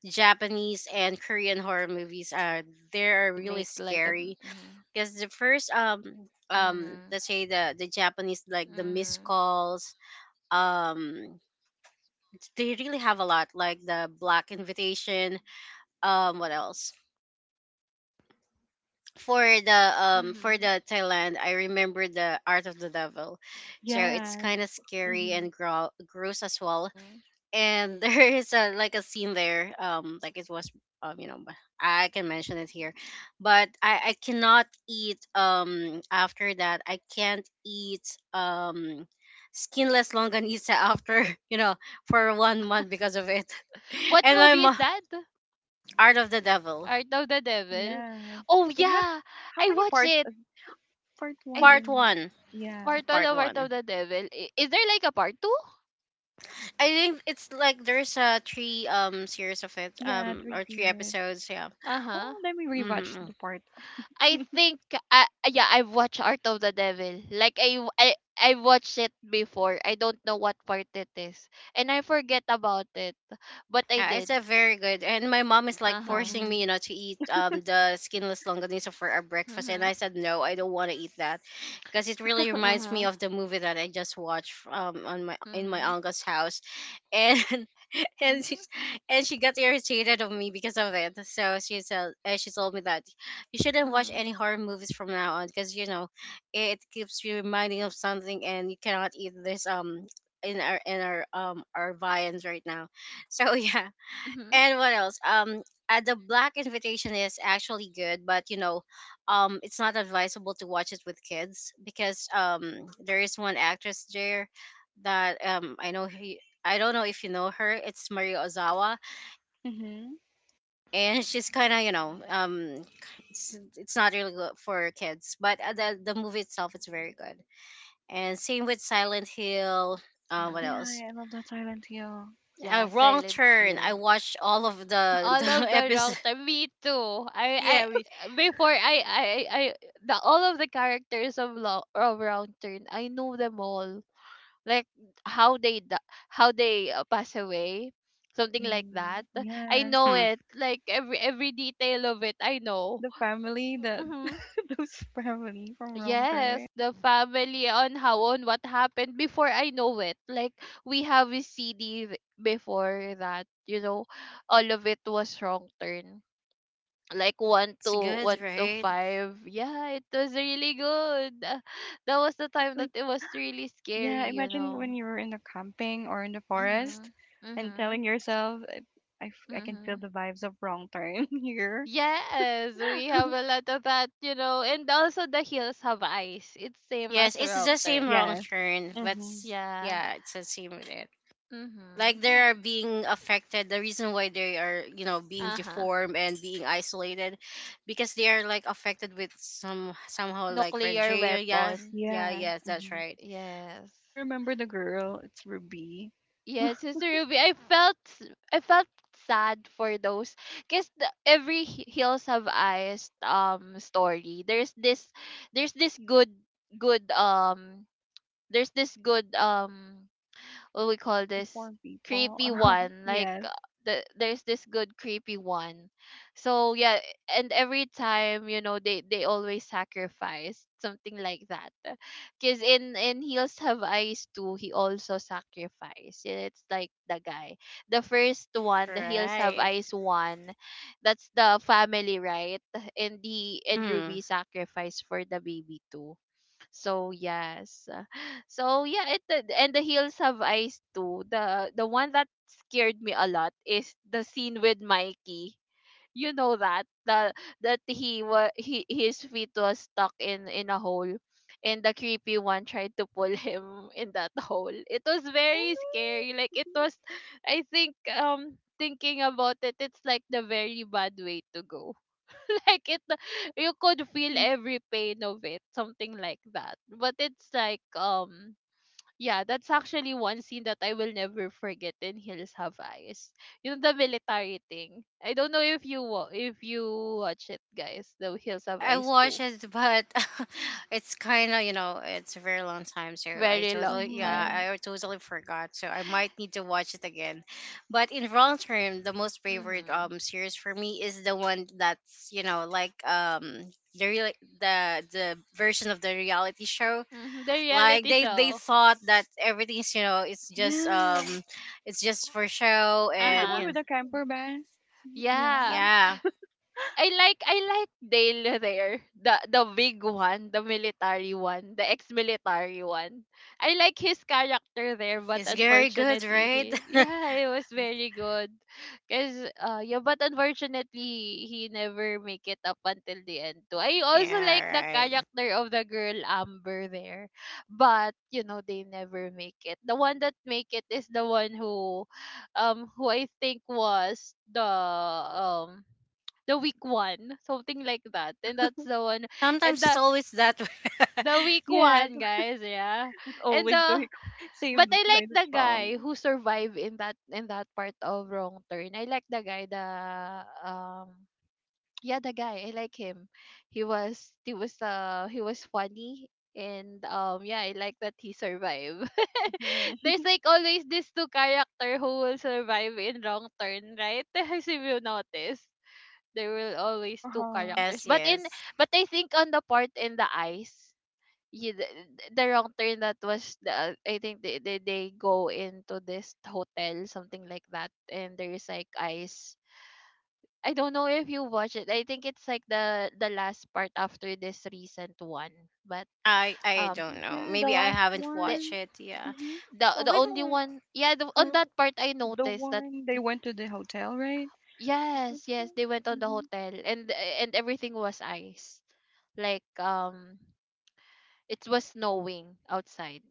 A: like
C: Japanese
A: um,
C: and Korean horror movies.
A: mhm,
C: They are really scary because the first
A: mhm,
C: let's say the Japanese, like The Missed
A: mhm,
C: Calls, um, they really have a lot, like The Black Invitation, what else, for the for
A: mhm,
C: the Thailand, I remember The Art of the Devil, so it's
B: yes,
C: kind of scary
B: mm-hmm.
C: and gross as well.
A: mhm.
C: And there is a like a scene there, like it was, you know, but I can mention it here, but I cannot eat after that. I can't eat um skinless longanisa after you know for 1 month because of it.
A: What
C: And my
A: movie is
C: mo-
A: that?
C: Art of the Devil,
A: Art of the Devil?
B: Yes.
A: Oh
B: It has
A: yeah,
B: how
A: I
B: many
A: watched
B: parts?
A: it.
B: Part
A: I
B: one.
A: think
C: part
B: And
C: one,
B: yeah,
A: Part One
C: part
A: of Art of
C: one.
A: the Devil. Is there like a part two?
C: I think it's like there's a three series of it,
B: yeah, three
C: or three
B: series.
C: episodes. Yeah.
A: Uh huh.
B: Oh, let me rewatch
C: Mm-hmm.
B: the part.
A: I think yeah, I've watched Art of the Devil. Like I watched it before. I don't know what part it is, and I forget about it. But I
C: Yeah, it's
A: did.
C: a very good. And my mom is like
A: Uh huh.
C: forcing
B: Mm-hmm.
C: me, you know, to eat the skinless longanisa for our breakfast, and
A: Mhm.
C: I said no, I don't want to eat that, because it really
A: Uh
C: reminds me
A: huh.
C: of the movie that I just watched on my, in my
A: Mhm.
C: uncle's house, and and she,
A: Mhm.
C: and she got irritated of me because of it. So she said, she told me that you shouldn't watch
A: Mhm.
C: any horror movies from now on, because you know it keeps you reminding of something, and you cannot eat this. In our, our viands right now, so yeah.
A: Mhm.
C: And what else? The Black Invitation is actually good, but you know, it's not advisable to watch it with kids because, there is one actress there that, I know he. I don't know if you know her. It's Maria Ozawa,
B: Mm-hmm.
C: and she's kind of, you know, it's not really good for kids, but the movie itself, it's very good. And same with Silent Hill. What
B: Yeah,
A: Mhm.
C: else?
B: I love that Silent Hill.
A: Yeah,
C: Wrong
A: Silent
C: Turn. I
A: Hill.
C: watched all of the
A: All
C: the
A: of the wrong
C: episode.
A: time. Me too. I
C: Yeah, we.
A: before I the all of the characters of of Wrong Turn. I know them all. Like how how they pass away, something like
B: Mm-hmm.
A: that. I
B: Yes,
A: know it. Like every detail of it. I know.
B: the family that
A: Hmm.
B: those family from Wrong
A: Yes,
B: Turn.
A: the family on how, on what happened before, I know it. Like we have a CD before that. You know, all of it was Wrong Turn, like
C: It's good,
A: one to
C: right?
A: five. Yeah, it was really good. That was the time that
B: Like
A: it was really scary,
B: yeah,
A: you
B: imagine
A: know.
B: when you were in the camping or in the forest
A: Mhm.
B: and telling
A: Mhm.
B: yourself, I can feel
A: Mhm.
B: the vibes of Wrong Turn here.
A: Yes, we have a lot of that, you know, and also The Hills Have Eyes. It's same
C: Yes,
A: as
C: it's the
A: Wrong
C: same
A: Turn.
C: Wrong
B: Yes.
C: Turn, but
B: Mm-hmm.
C: s-,
A: Yeah.
C: yeah, it's the same with it. Like
A: Mhm.
C: they are being affected. The reason why they are, you know, being
A: Uh huh.
C: deformed and being isolated, because they are like affected with some somehow like
A: Nuclear
C: Regia. Yeah,
A: weapon.
C: yeah,
B: Yeah.
C: yes, that's
B: Mm-hmm.
C: right.
A: Yes.
B: I remember the girl, it's Ruby,
A: Yes, Sister Ruby, I felt, I felt sad for those, because every Hills Have Eyes story, there's this good good there's this good what we
B: like
A: call
B: the
A: this
B: four people.
A: creepy one, like
B: Yes.
A: the, there's this good creepy one. So yeah, and every time, you know, they always sacrifice something like that. Because in heels have Eyes Too, he also sacrificed. Yeah, it's like the guy, the first one, the heels have
C: Right.
A: Eyes one, that's the family, right? And the, and
C: Hmm.
A: Ruby sacrifice for the baby too. So yes. So yeah, it did- and The Hills Have Eyes Too. The one that scared me a lot is the scene with Mikey. You know that the, that he was, he his feet was stuck in a hole, and the creepy one tried to pull him in that hole. It was very scary. Like it was, I think thinking about it, it's like the very bad way to go. Like it, you could feel
B: Mm-hmm.
A: every pain of it, something like that, but it's like yeah, that's actually one scene that I will never forget in Hills Have Eyes. You know, the military thing, I don't know if you if you watch it, guys, The Hills Have
C: I
A: Eyes Too.
C: watched it, but it's kind of, you know, it's a very long time, so I
A: Very long
C: totally,
B: Mm-hmm.
A: time.
C: yeah, I totally forgot. So I might need to watch it again. But in Wrong Term, the most favorite
A: Mm-hmm.
C: series for me is the one that's, you know, like, the real, the version of the reality show.
A: Mm-hmm. The
C: Like
A: reality
C: they
A: show.
C: thought that everything's, you know,
B: Yeah.
C: it's just for show,
B: Is it the
C: and
B: one
C: you
A: Uh-huh.
C: know,
B: with the camper van? Yeah.
A: Yeah,
C: yeah,
A: I like Dale there. The big one, the military one, the ex-military one. I like his character there, but
C: it's very good,
A: unfortunately
C: right?
A: he, yeah, it was very good. Cause yeah, but unfortunately he never make it up until the end too. I also
C: Yeah,
A: like the
C: right.
A: character of the girl Amber there. But you know, they never make it. The one that make it is the one who I think was the week one, something like that. And that's the one, and
C: Sometimes it's
A: the
C: always that way.
A: the week
B: Yes.
A: one, guys, yeah.
B: That's
A: And the,
B: always, so he
A: but
B: saved
A: I
B: by
A: like
B: the
A: the
B: strong.
A: guy who survived in that, in that part of Wrong Turn. I like the guy, the um, yeah, the guy. I like him. He was funny. And yeah, I like that he survived.
B: Mm-hmm.
A: There's like always this two character who will survive in Wrong Turn, right? As if you notice, there will always two
B: Uh-huh.
A: characters.
C: Yes,
A: But in
C: yes.
A: but I think on the part in the ice, you, the, the wrong turn that was the, I think they go into this hotel, something like that, and there is like ice. I don't know if you watch it. I think it's like the last part after this recent one. But
C: I
A: um,
B: Oh,
C: don't know.
B: yeah, the
C: Maybe I
B: last
C: haven't
A: the
C: watched
B: one.
C: it. Yeah.
B: Mm-hmm.
A: the
C: Oh,
A: the only
C: When,
A: one, yeah, on
C: when
A: that part I
B: The
A: noticed that.
B: one they went to the hotel, right?
A: Yes, yes, they went on the
B: Mm-hmm.
A: hotel, and everything was ice, like it was snowing outside.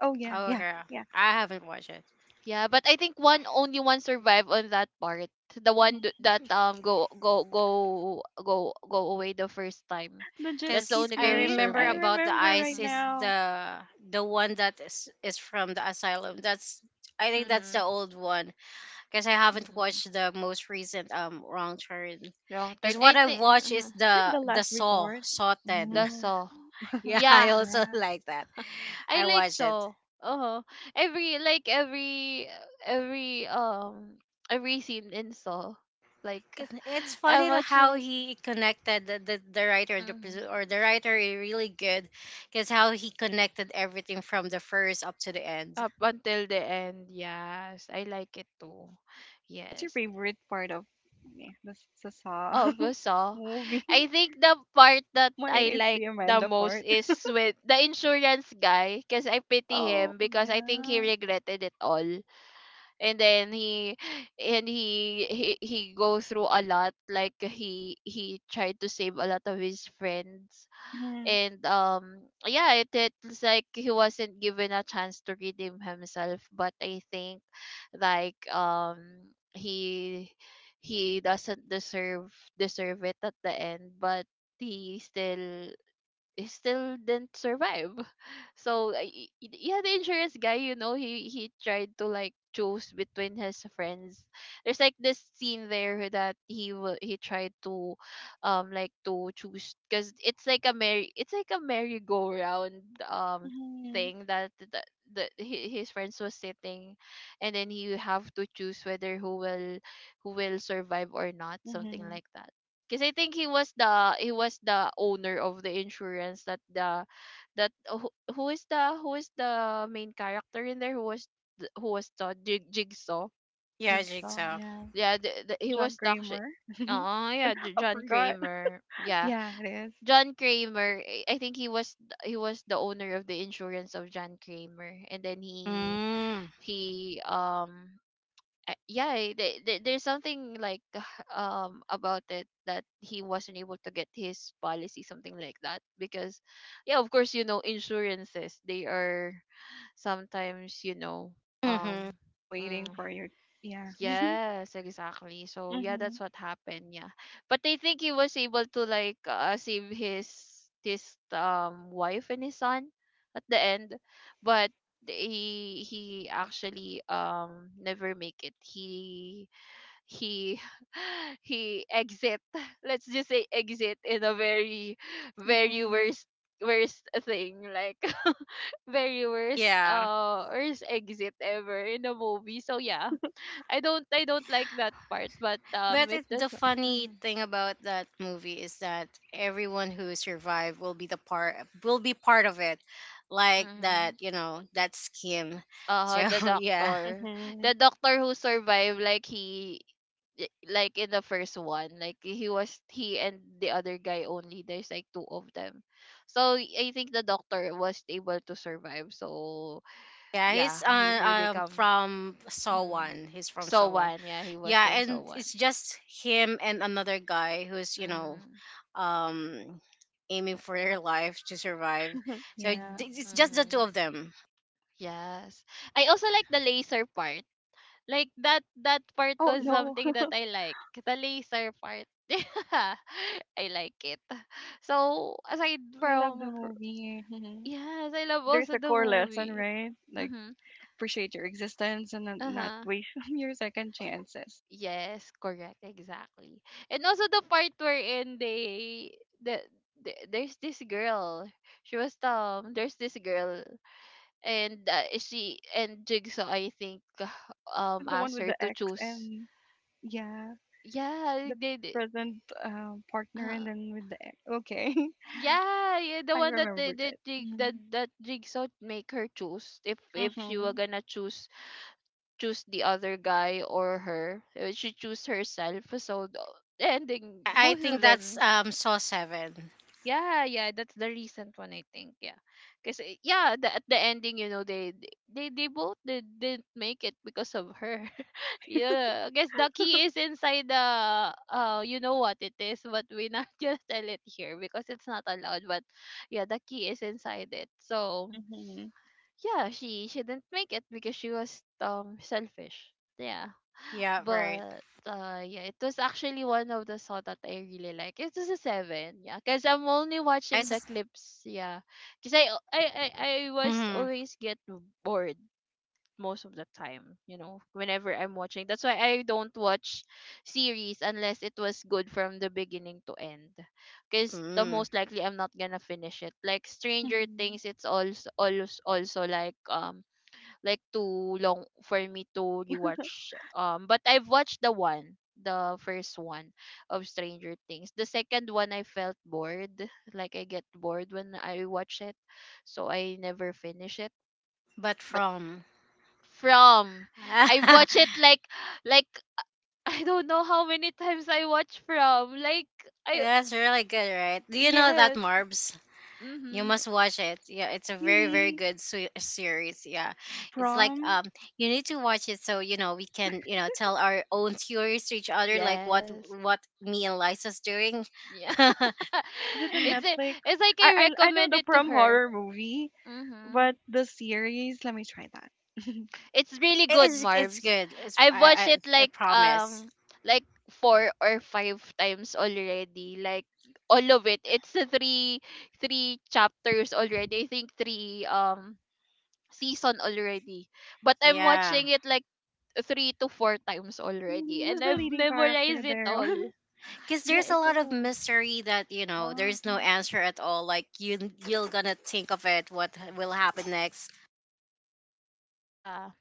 B: Oh, yeah,
C: oh,
B: yeah,
C: okay,
B: yeah.
C: I haven't watched it
A: Yeah, but I think one only one survived on that part. The one
B: Mm-hmm.
A: that go away the first time.
B: The jet
A: That's the
B: ski
C: because
A: only
C: I
A: girl who
B: scene.
C: remember
B: I
A: survived.
C: about the
B: remember right
C: ice is
A: Mm-hmm.
B: now.
C: the one that is from the asylum. That's, I think that's the
A: Mm-hmm.
C: old one, because I haven't
A: Mm-hmm.
C: watched the most recent Wrong Turn.
A: Wrong turn.
C: Because
A: I
C: what I
A: think
C: watch is
B: Is it
C: the
B: the last
C: Saw,
B: resort?
C: Saw Ten.
A: the
B: Mm.
A: saw.
C: Yeah, I
A: Yeah,
C: also
B: Yeah.
C: like that.
A: I
C: I
A: like
C: watch it.
A: saw. Uh-huh. Every like every every um every scene in saw. Like
C: 'Cause it's funny,
A: I'm
C: how
A: watching.
C: he connected the, writer, the, produ- or the writer is really good, because how he connected everything from the first up to the end.
A: Up until the end, yes. I like it too.
B: What's your
A: Yes.
B: favorite part of yeah, the the Saw
A: Also,
B: movie?
A: I think the part that
B: Mine
A: I
B: is
A: like
B: the
A: the
B: Amanda
A: most
B: part.
A: is with the insurance guy, because I pity
B: Oh,
A: him, because I think he
B: yeah.
A: regretted it all. And then he and he go through a lot, like he tried to save a lot of his friends,
B: Mm-hmm.
A: and yeah, it's like he wasn't given a chance to redeem himself, but I think, like, he he doesn't deserve it at the end, but he still he still didn't survive. So yeah, the insurance guy, he tried to, like, choose between his friends. There's, like, this scene there that he tried to, like, to choose, because it's like a merry-go-round um
B: Mm-hmm.
A: thing, that his friends was sitting, and then he have to choose whether who will survive or not, something
B: Mm-hmm.
A: like that, because I think he was the owner of the insurance, that who is the main character in there, who was who was the jigsaw.
C: Yeah,
B: Jigsaw,
C: Jigsaw.
B: yeah.
A: Yeah, he
B: John
A: was the
B: Kramer.
A: oh, yeah,
B: I
A: John
B: forgot.
A: Kramer, yeah.
B: Yeah, it is.
A: John Kramer. I think he was he was the owner of the insurance of John Kramer, and then
C: Mm.
A: he yeah, there's something like about it that he wasn't able to get his policy, something like that. Because, yeah, of course, insurances, they are sometimes
C: Mm-hmm.
A: um. mm,
B: Waiting for your yeah.
A: Yes, exactly. So yeah,
B: Mhm,
A: that's what happened. Yeah, but I think he was able to, like, save his wife and his son at the end, but he actually never make it. He he exit. Let's just say exit in a very, very
B: mm,
A: worst, thing, like, very worst,
C: Yeah,
A: worst exit ever in a movie. So yeah, I don't like that part, but
C: but
A: it
C: it, the
A: does.
C: funny
A: Hmm.
C: thing about that movie is that everyone who survived will be the part, will be part of it, like
A: Mm-hmm.
C: that, you know, that scheme. So
A: The
C: yeah.
A: doctor.
B: mhm.
A: The doctor who survived, like, he, in the first one, like he and the other guy only. There's, like, two of them. So I think the doctor was able to survive. So
C: Yeah,
A: yeah,
C: he's,
A: he will become,
C: from
A: mm,
C: Sowan. He's from
A: so
C: Sowan.
A: one. Yeah, he was
C: Yeah,
A: from so
C: and
A: one.
C: it's just him and another guy who's, you know,
A: Mm-hmm.
C: um aiming for their life to survive. So
B: Yeah.
C: it's just the two
A: Mm-hmm.
C: of them.
A: Yes. I also like the laser part. Like, that part
B: Oh,
A: was
B: no.
A: something that I like. The laser part. Yeah. I like it. So aside
B: I love the
A: from
B: movie. Mhm.
A: yes, I love
B: Like,
A: also
B: there's a
A: the
B: core lesson,
A: movie.
B: right? Like,
A: Mhm.
B: appreciate your existence and then not
A: Uh-huh.
B: waste your second chances.
A: Yes, correct, exactly. And also the part wherein they the, the there's this girl. She was There's this girl, and she and Jigsaw, I think,
B: Is it the one
A: asked
B: with
A: her
B: the
A: to
B: ex,
A: choose.
B: and yeah,
A: Yeah,
B: the
A: they did.
B: present partner and then with the ex? Okay,
A: Yeah, yeah, the
B: I
A: one that
B: remembered
A: the
B: it.
A: jig that
B: Mhm,
A: that jigsaw make her choose, if she were
B: mhm,
A: gonna choose, the other guy or her, she choose herself. So the ending,
C: I
A: both
C: think
A: of
C: that's
A: them.
C: Saw 7.
A: Yeah, yeah, that's the recent one, I think. Yeah, because, yeah, at the ending, you know, they both didn't make it because of her. Yeah, I guess the key is inside the you know what it is, but we not just tell it here, because it's not allowed. But yeah, the key is inside it. So
B: mhm,
A: yeah, she didn't make it, because she was selfish. Yeah,
C: Yeah, right.
A: but yeah, it was actually one of the saw that I really like. It was a seven. Yeah, because I'm only
C: I
A: watching the
C: just,
A: clips. Yeah, because I was
C: mm-hmm.
A: always get bored most of the time, whenever I'm watching. That's why I don't watch series unless it was good from the beginning to end, because the
C: Mm,
A: most likely I'm not gonna finish it. Like Stranger
B: mhm.
A: Things, it's also like, like too long for me to rewatch, but I've watched the first one of Stranger Things. The second one, I felt bored, like I get bored when I watch it, so I never finish it.
C: but
A: But
C: from.
A: from. I watch it like, like I don't know how many times I watch From. Like I
C: That's really good, right? Do you know that,
A: Yes.
C: Marbs? You
A: Mhm.
C: must watch it. Yeah, it's a very very
B: Really?
C: good series. Yeah, it's like,
B: Prom?
C: you need to watch it so you know we can, you know, tell our own theories to each other, like what
A: Yes.
C: what me and Liza's doing.
A: Yeah.
B: Is it a
A: it's a,
B: Netflix?
A: it's like I
B: I know
A: recommend
B: the
A: it to
B: prom
A: her.
B: horror movie.
A: Mhm.
B: But the series, let me try that.
A: It's really
C: It-
A: good,
C: it's
A: Marv's.
C: good. It's
A: I've watched it,
C: I
A: like,
C: promise.
A: 4 or 5 times already. Like all of it. It's a 3 chapters already. I think three season already. But I'm
C: Yeah,
A: watching it, like, 3 to 4 times already.
B: Really, who's
A: And
B: the
A: I've
B: leading character
A: memorized it
B: there?
A: all.
C: because
A: Yeah,
C: there's a
A: it's a
C: lot of
A: gun.
C: mystery that, you know,
B: Oh,
C: there's no answer at all. Like you, you're gonna think of it. What will happen next?
A: Yeah,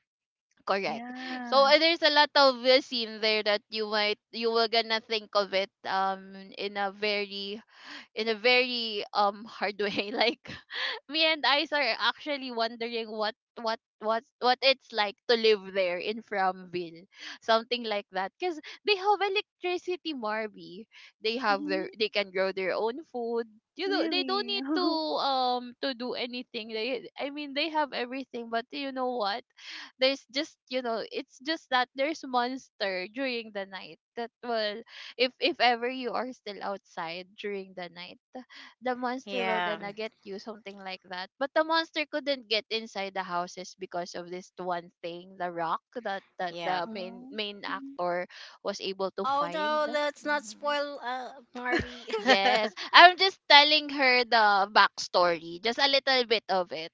A: correct. So
B: yes.
A: there's a lot of scene there that you were gonna think of it, in a very, hard way, like, me and Ice are actually wondering what it's like to live there in Framville, something like that. Cause they have electricity, Marby. They have their,
B: Mm-hmm.
A: they can grow their own food. You know they don't
B: Really.
A: need to,
B: Uh-huh.
A: do anything. They, I mean, they have everything, but you know what? There's just, it's just that there's monster during the night that will, if ever you are still outside during the night, the monster will
C: Yeah,
A: gonna get you, something like that, but the monster couldn't get inside the houses because of this one thing, the rock, that
C: yeah.
A: the main
B: Mhm.
A: actor was able to
C: Oh no,
A: find.
C: let's not
A: Hmm.
C: spoil, Marvy.
A: Yes, I'm just telling her the backstory, just a little bit of it,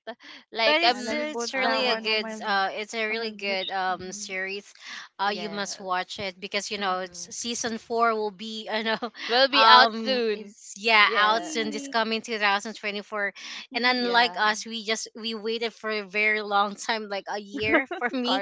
A: like,
C: But
B: Yeah, let me put
C: it's
B: that
C: really a
B: one
A: uh-huh.
B: on
C: good,
B: my
C: it's a
B: on
C: really
B: my wish.
C: good
B: Um,
C: series. You must
A: Yes.
C: watch it because, you know, it's,
A: mm-hmm.
C: season 4 will be, you know,
A: We'll be out
C: um,
A: soon.
C: it's yeah, out
A: Yeah,
C: soon this
B: really.
C: coming 2024. And
B: Mm-hmm.
C: unlike
A: yeah,
C: us, we just, we waited for a very long time, like a year for me.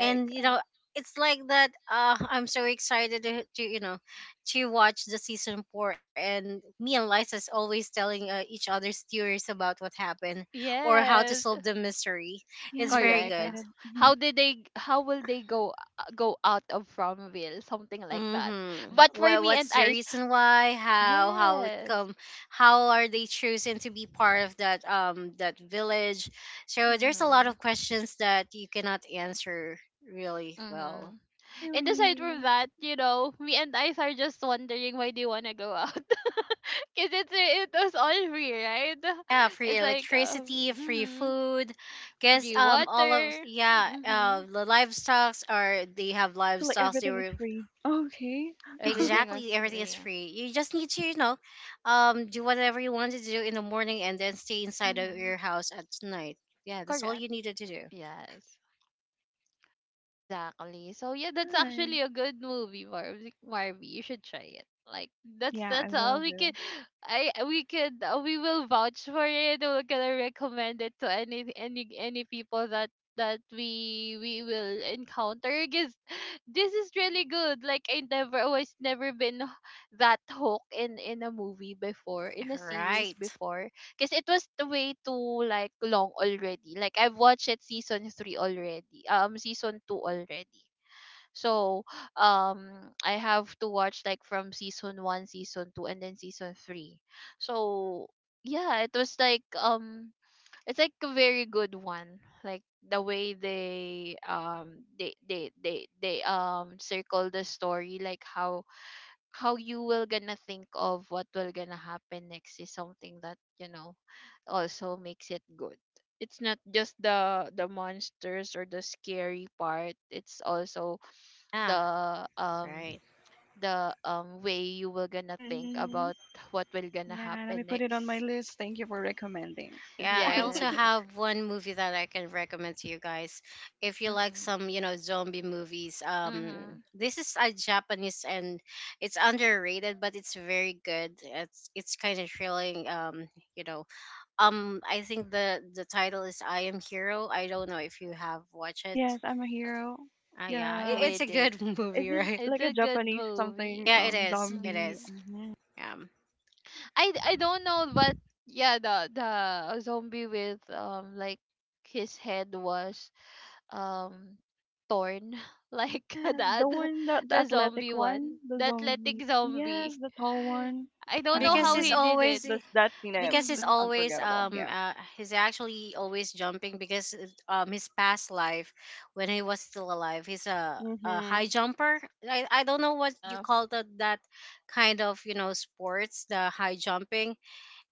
C: And you know, it's like that, I'm so excited to, you know, to watch the season four, and me and Liza's always telling, each other's theories about what happened or how to
A: Yes.
C: solve the mystery.
B: Yeah,
C: It's
B: I'm getting
C: very
A: Correct.
C: good.
B: excited.
A: How will they go, go out of Fromville? Something like that.
C: Mm-hmm.
A: But for
C: Well,
A: me and
C: what's the
A: Ice,
C: reason why, how it
A: yes.
C: come, how are they chosen to be part of that that village? So there's a lot
A: Mhm.
C: of questions that you cannot answer really well.
A: Mhm. And aside
B: Really.
A: from that, me and Ice are just wondering why they wanna go out. Cause it was all free, right?
C: Yeah, free
A: It's like,
C: electricity, free
A: mhm,
C: food. Guess
A: free
C: all of,
A: water.
C: yeah,
A: Mhm.
C: the livestocks are, they have
B: So like
C: livestocks, they
B: everything is
C: were,
B: free. Okay.
A: Everything was
C: exactly, everything is
A: free.
C: free. You just need to, you know, do whatever you want to do in the morning, and then stay inside of
A: Mhm.
C: your house at night. Yeah, that's all
A: Correct.
C: you needed to do.
A: Yes. Exactly. So yeah, that's
B: Nice.
A: actually a good movie, Marvy. Marvy, you should try it. Like,
B: Yeah, I
A: that's all
B: will
A: we can.
B: do.
A: I we could We will vouch for it. We're gonna recommend it to any people that we will encounter, because this is really good. Like, I never, I was never been that hooked in a movie before, in a series
C: Right.
A: before. Because it was the way too like long already. Like, I've watched it season 3 already. Season 2 already. So I have to watch, like, from season 1, season 2, and then season 3. So yeah, it was like, it's like a very good one. Like the way they circle the story, like how you will gonna think of what will gonna happen next is something that, you know also makes it good. It's not just the monsters or the scary part. It's also
C: Yeah,
A: the um
C: right.
A: the way you will gonna think
B: Mm-hmm.
A: about what will gonna
B: Yeah, let me
A: happen
B: put it on my
A: next.
B: list. Thank you for recommending this
C: Yeah,
B: one.
C: I also
A: Yes.
C: have one movie that I can recommend to you guys. If you like
A: Mhm.
C: some, you know, zombie movies,
A: Mhm.
C: this is a Japanese, and it's underrated, but it's very good. It's kind of thrilling. You know, I think the title is I Am Hero. I don't know if you have watched it.
B: Yes, I'm a hero.
A: Yeah,
C: Yeah, it,
B: Yeah,
A: we
C: it's a
A: did.
C: good
B: is
C: movie,
B: it
C: right?
A: It's
B: like a
A: a good
B: Japanese
A: movie.
B: something
C: Yeah, it is. It
B: zombie?
A: Mhm.
C: is. Yeah,
A: I don't know, but yeah, the zombie with, like, his head was, um torn, like the
B: Yeah, the
A: other-
B: one, the athletic one, the
A: the athletic
B: zombie. Yes,
A: zombie.
B: the tall one.
A: I don't know
C: because
A: how
C: it's
A: he
B: Um,
A: did it.
C: always
B: that scene,
C: because he's
A: Mm-hmm.
B: that's
C: always
B: unforgettable. Yeah.
C: he's actually always jumping because his past life when he was still alive he's a
B: Mm-hmm.
C: high jumper. I don't know what you
A: uh,
C: call that kind of sports, the high jumping.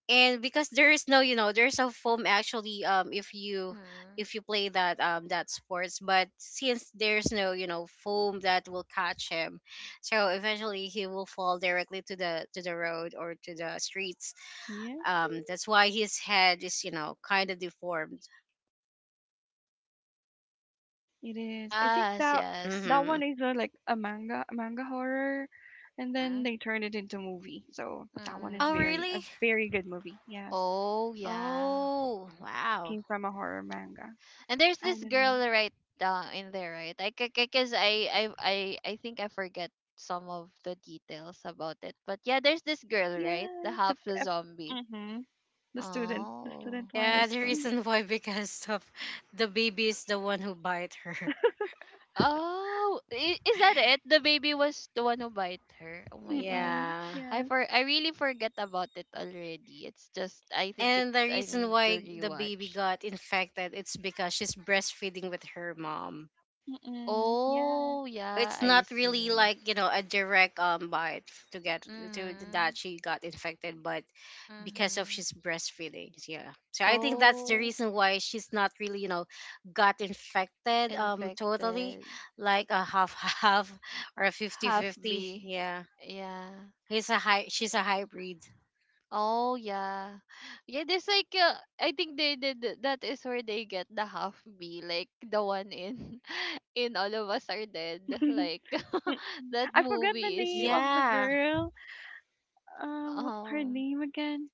C: And because there is no, there's a foam actually,
A: mm-hmm.
C: if you play that sports, but since there's no, foam that will catch him, so eventually he will fall directly to the road or to the streets.
B: Yeah,
C: Um, that's why his head is, kind of deformed.
B: it is. I think
A: Yes,
B: that
A: yes.
B: that
C: Mm-hmm.
B: one is like a manga horror, and then
A: Mm-hmm.
B: they turned it into movie. So that one is
A: mm
C: Oh,
B: very a
C: really?
B: very good movie. Yes,
A: oh, yeah.
C: Oh, wow.
B: came from a horror manga
A: And there's this girl,
B: anime.
A: right, in there, right? I Because I think I forget some of the details about it, but yeah, there's this girl, right, the
B: Yeah, the
A: half, the
B: prep
A: zombie.
B: mhm, the student the
A: Oh,
B: student
A: the
B: one.
C: Yeah, the
B: Mhm.
C: reason
A: student.
C: why, because of the baby is the one who bite her.
A: Oh, is that it? The baby was the one who bite her. Oh my god,
B: Mm-mm.
C: Yeah.
B: Yes.
A: I really forget about it already. It's just, I think
C: And
A: it's,
C: the
A: I
C: reason
A: need to
C: why the baby
A: rewatch.
C: got infected, it's because she's breastfeeding with her mom.
B: Mm-mm. Yeah.
A: Oh yeah,
C: It's
A: I
C: not really
A: see.
C: like, a direct bite to get to
A: Mhm.
C: that she got infected, but because of
A: Mhm.
C: she's breastfeeding, yeah, so I think that's the
A: Oh,
C: reason why she's not really, got infected totally,
A: infected.
C: like a half half or a 50
A: Half
C: 50.
A: B.
C: Yeah,
A: Yeah.
C: he's a high she's a hybrid.
A: Oh yeah. Yeah, there's like I think they did that is where they get the half B, like the one in All of Us Are Dead. Like that
B: I forgot the
A: movie is
B: name
A: good.
B: of the
C: Yeah,
B: girl. What's her
A: Um,
B: name again?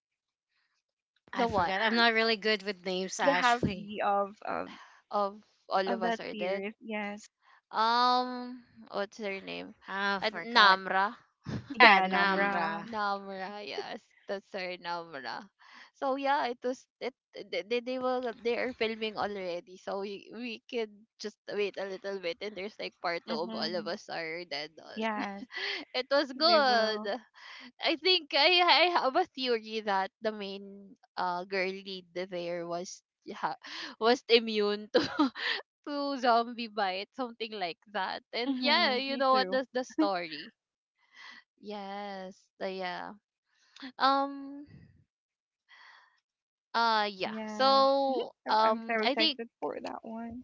A: the
C: I
A: one
C: forgot. I'm not really good with names.
B: The
C: Actually,
B: happy of of
A: of All
B: of
A: of
B: that
A: Us Are Dead.
B: series. Yes.
A: Um, what's her name?
C: I forgot.
A: Namra.
C: Yeah,
B: Yeah,
C: Namra.
B: Namra.
A: Namra, yes, that's her Namra. So yeah, it was it. They are filming already, so we could just wait a little bit, and there's like part two of All of
B: Mhm.
A: Us Are Dead on.
B: Yes,
A: It was
B: they
A: good.
B: will.
A: I think I have a theory that the main girl lead there was, yeah, was immune to to zombie bite, something like that. And yeah,
B: Mhm.
A: you
B: Me
A: know what,
B: too.
A: that's the story. Yes, the yeah. Um yeah.
B: Yes.
A: So
B: I'm so
A: I think
B: excited for that one.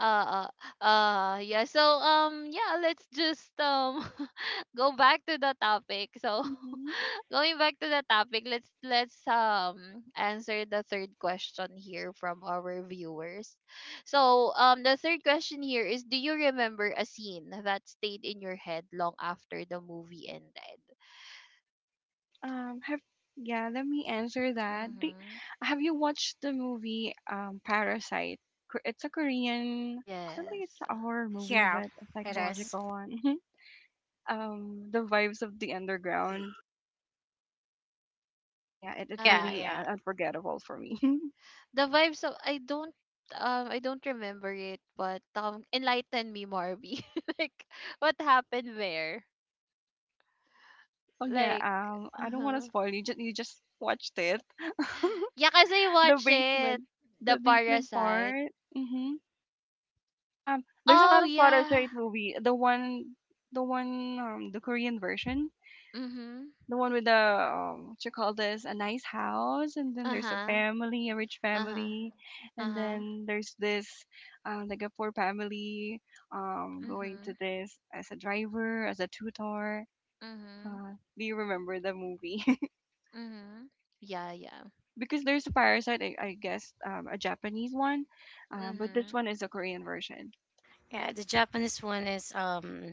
A: uh yeah, so yeah, let's just go back to the topic, so
B: Mhm.
A: going back to the topic, let's answer the third question here from our viewers. So the third question here is, do you remember a scene that stayed in your head long after the movie ended?
B: Have yeah, let me answer that.
A: Mm-hmm.
B: Have you watched the movie Parasite? Ko- It's a Korean. I don't think it's
A: Yes.
B: a horror movie,
C: Yeah,
B: but a
C: it
A: Mm-hmm.
C: is.
B: psychological one. The vibes of the underground. Yeah, it
C: yeah
A: Ah.
B: really
C: yeah
B: unforgettable for me.
A: The vibes of, I don't remember it, but enlighten me, Marby. Like what happened there?
B: Oh yeah.
A: Like,
B: I don't want to
A: uh-huh.
B: spoil you. Just you just watched it.
A: Yeah, cause I
B: the
A: watched it.
B: basement,
A: The
B: the basement
A: Parasite.
B: part. Mm-hmm. There's a
A: Oh
B: lot of
A: yeah.
B: Parasite movie. The one, the Korean version.
A: Mhm.
B: The one with the what you call this, a nice house, and then
A: Uh
B: there's a
A: huh.
B: family, a rich
A: Uh huh.
B: family,
A: Uh
B: and
A: huh.
B: then there's this like a poor family, going to
A: Mhm.
B: this as a driver, as a tutor,
A: Mhm.
B: uh, do you remember the movie?
A: Mhm. Yeah, yeah.
B: Because there's a parasite, I guess, a Japanese one, but this
A: Mhm.
B: one is a Korean version,
C: Yeah, the Japanese one is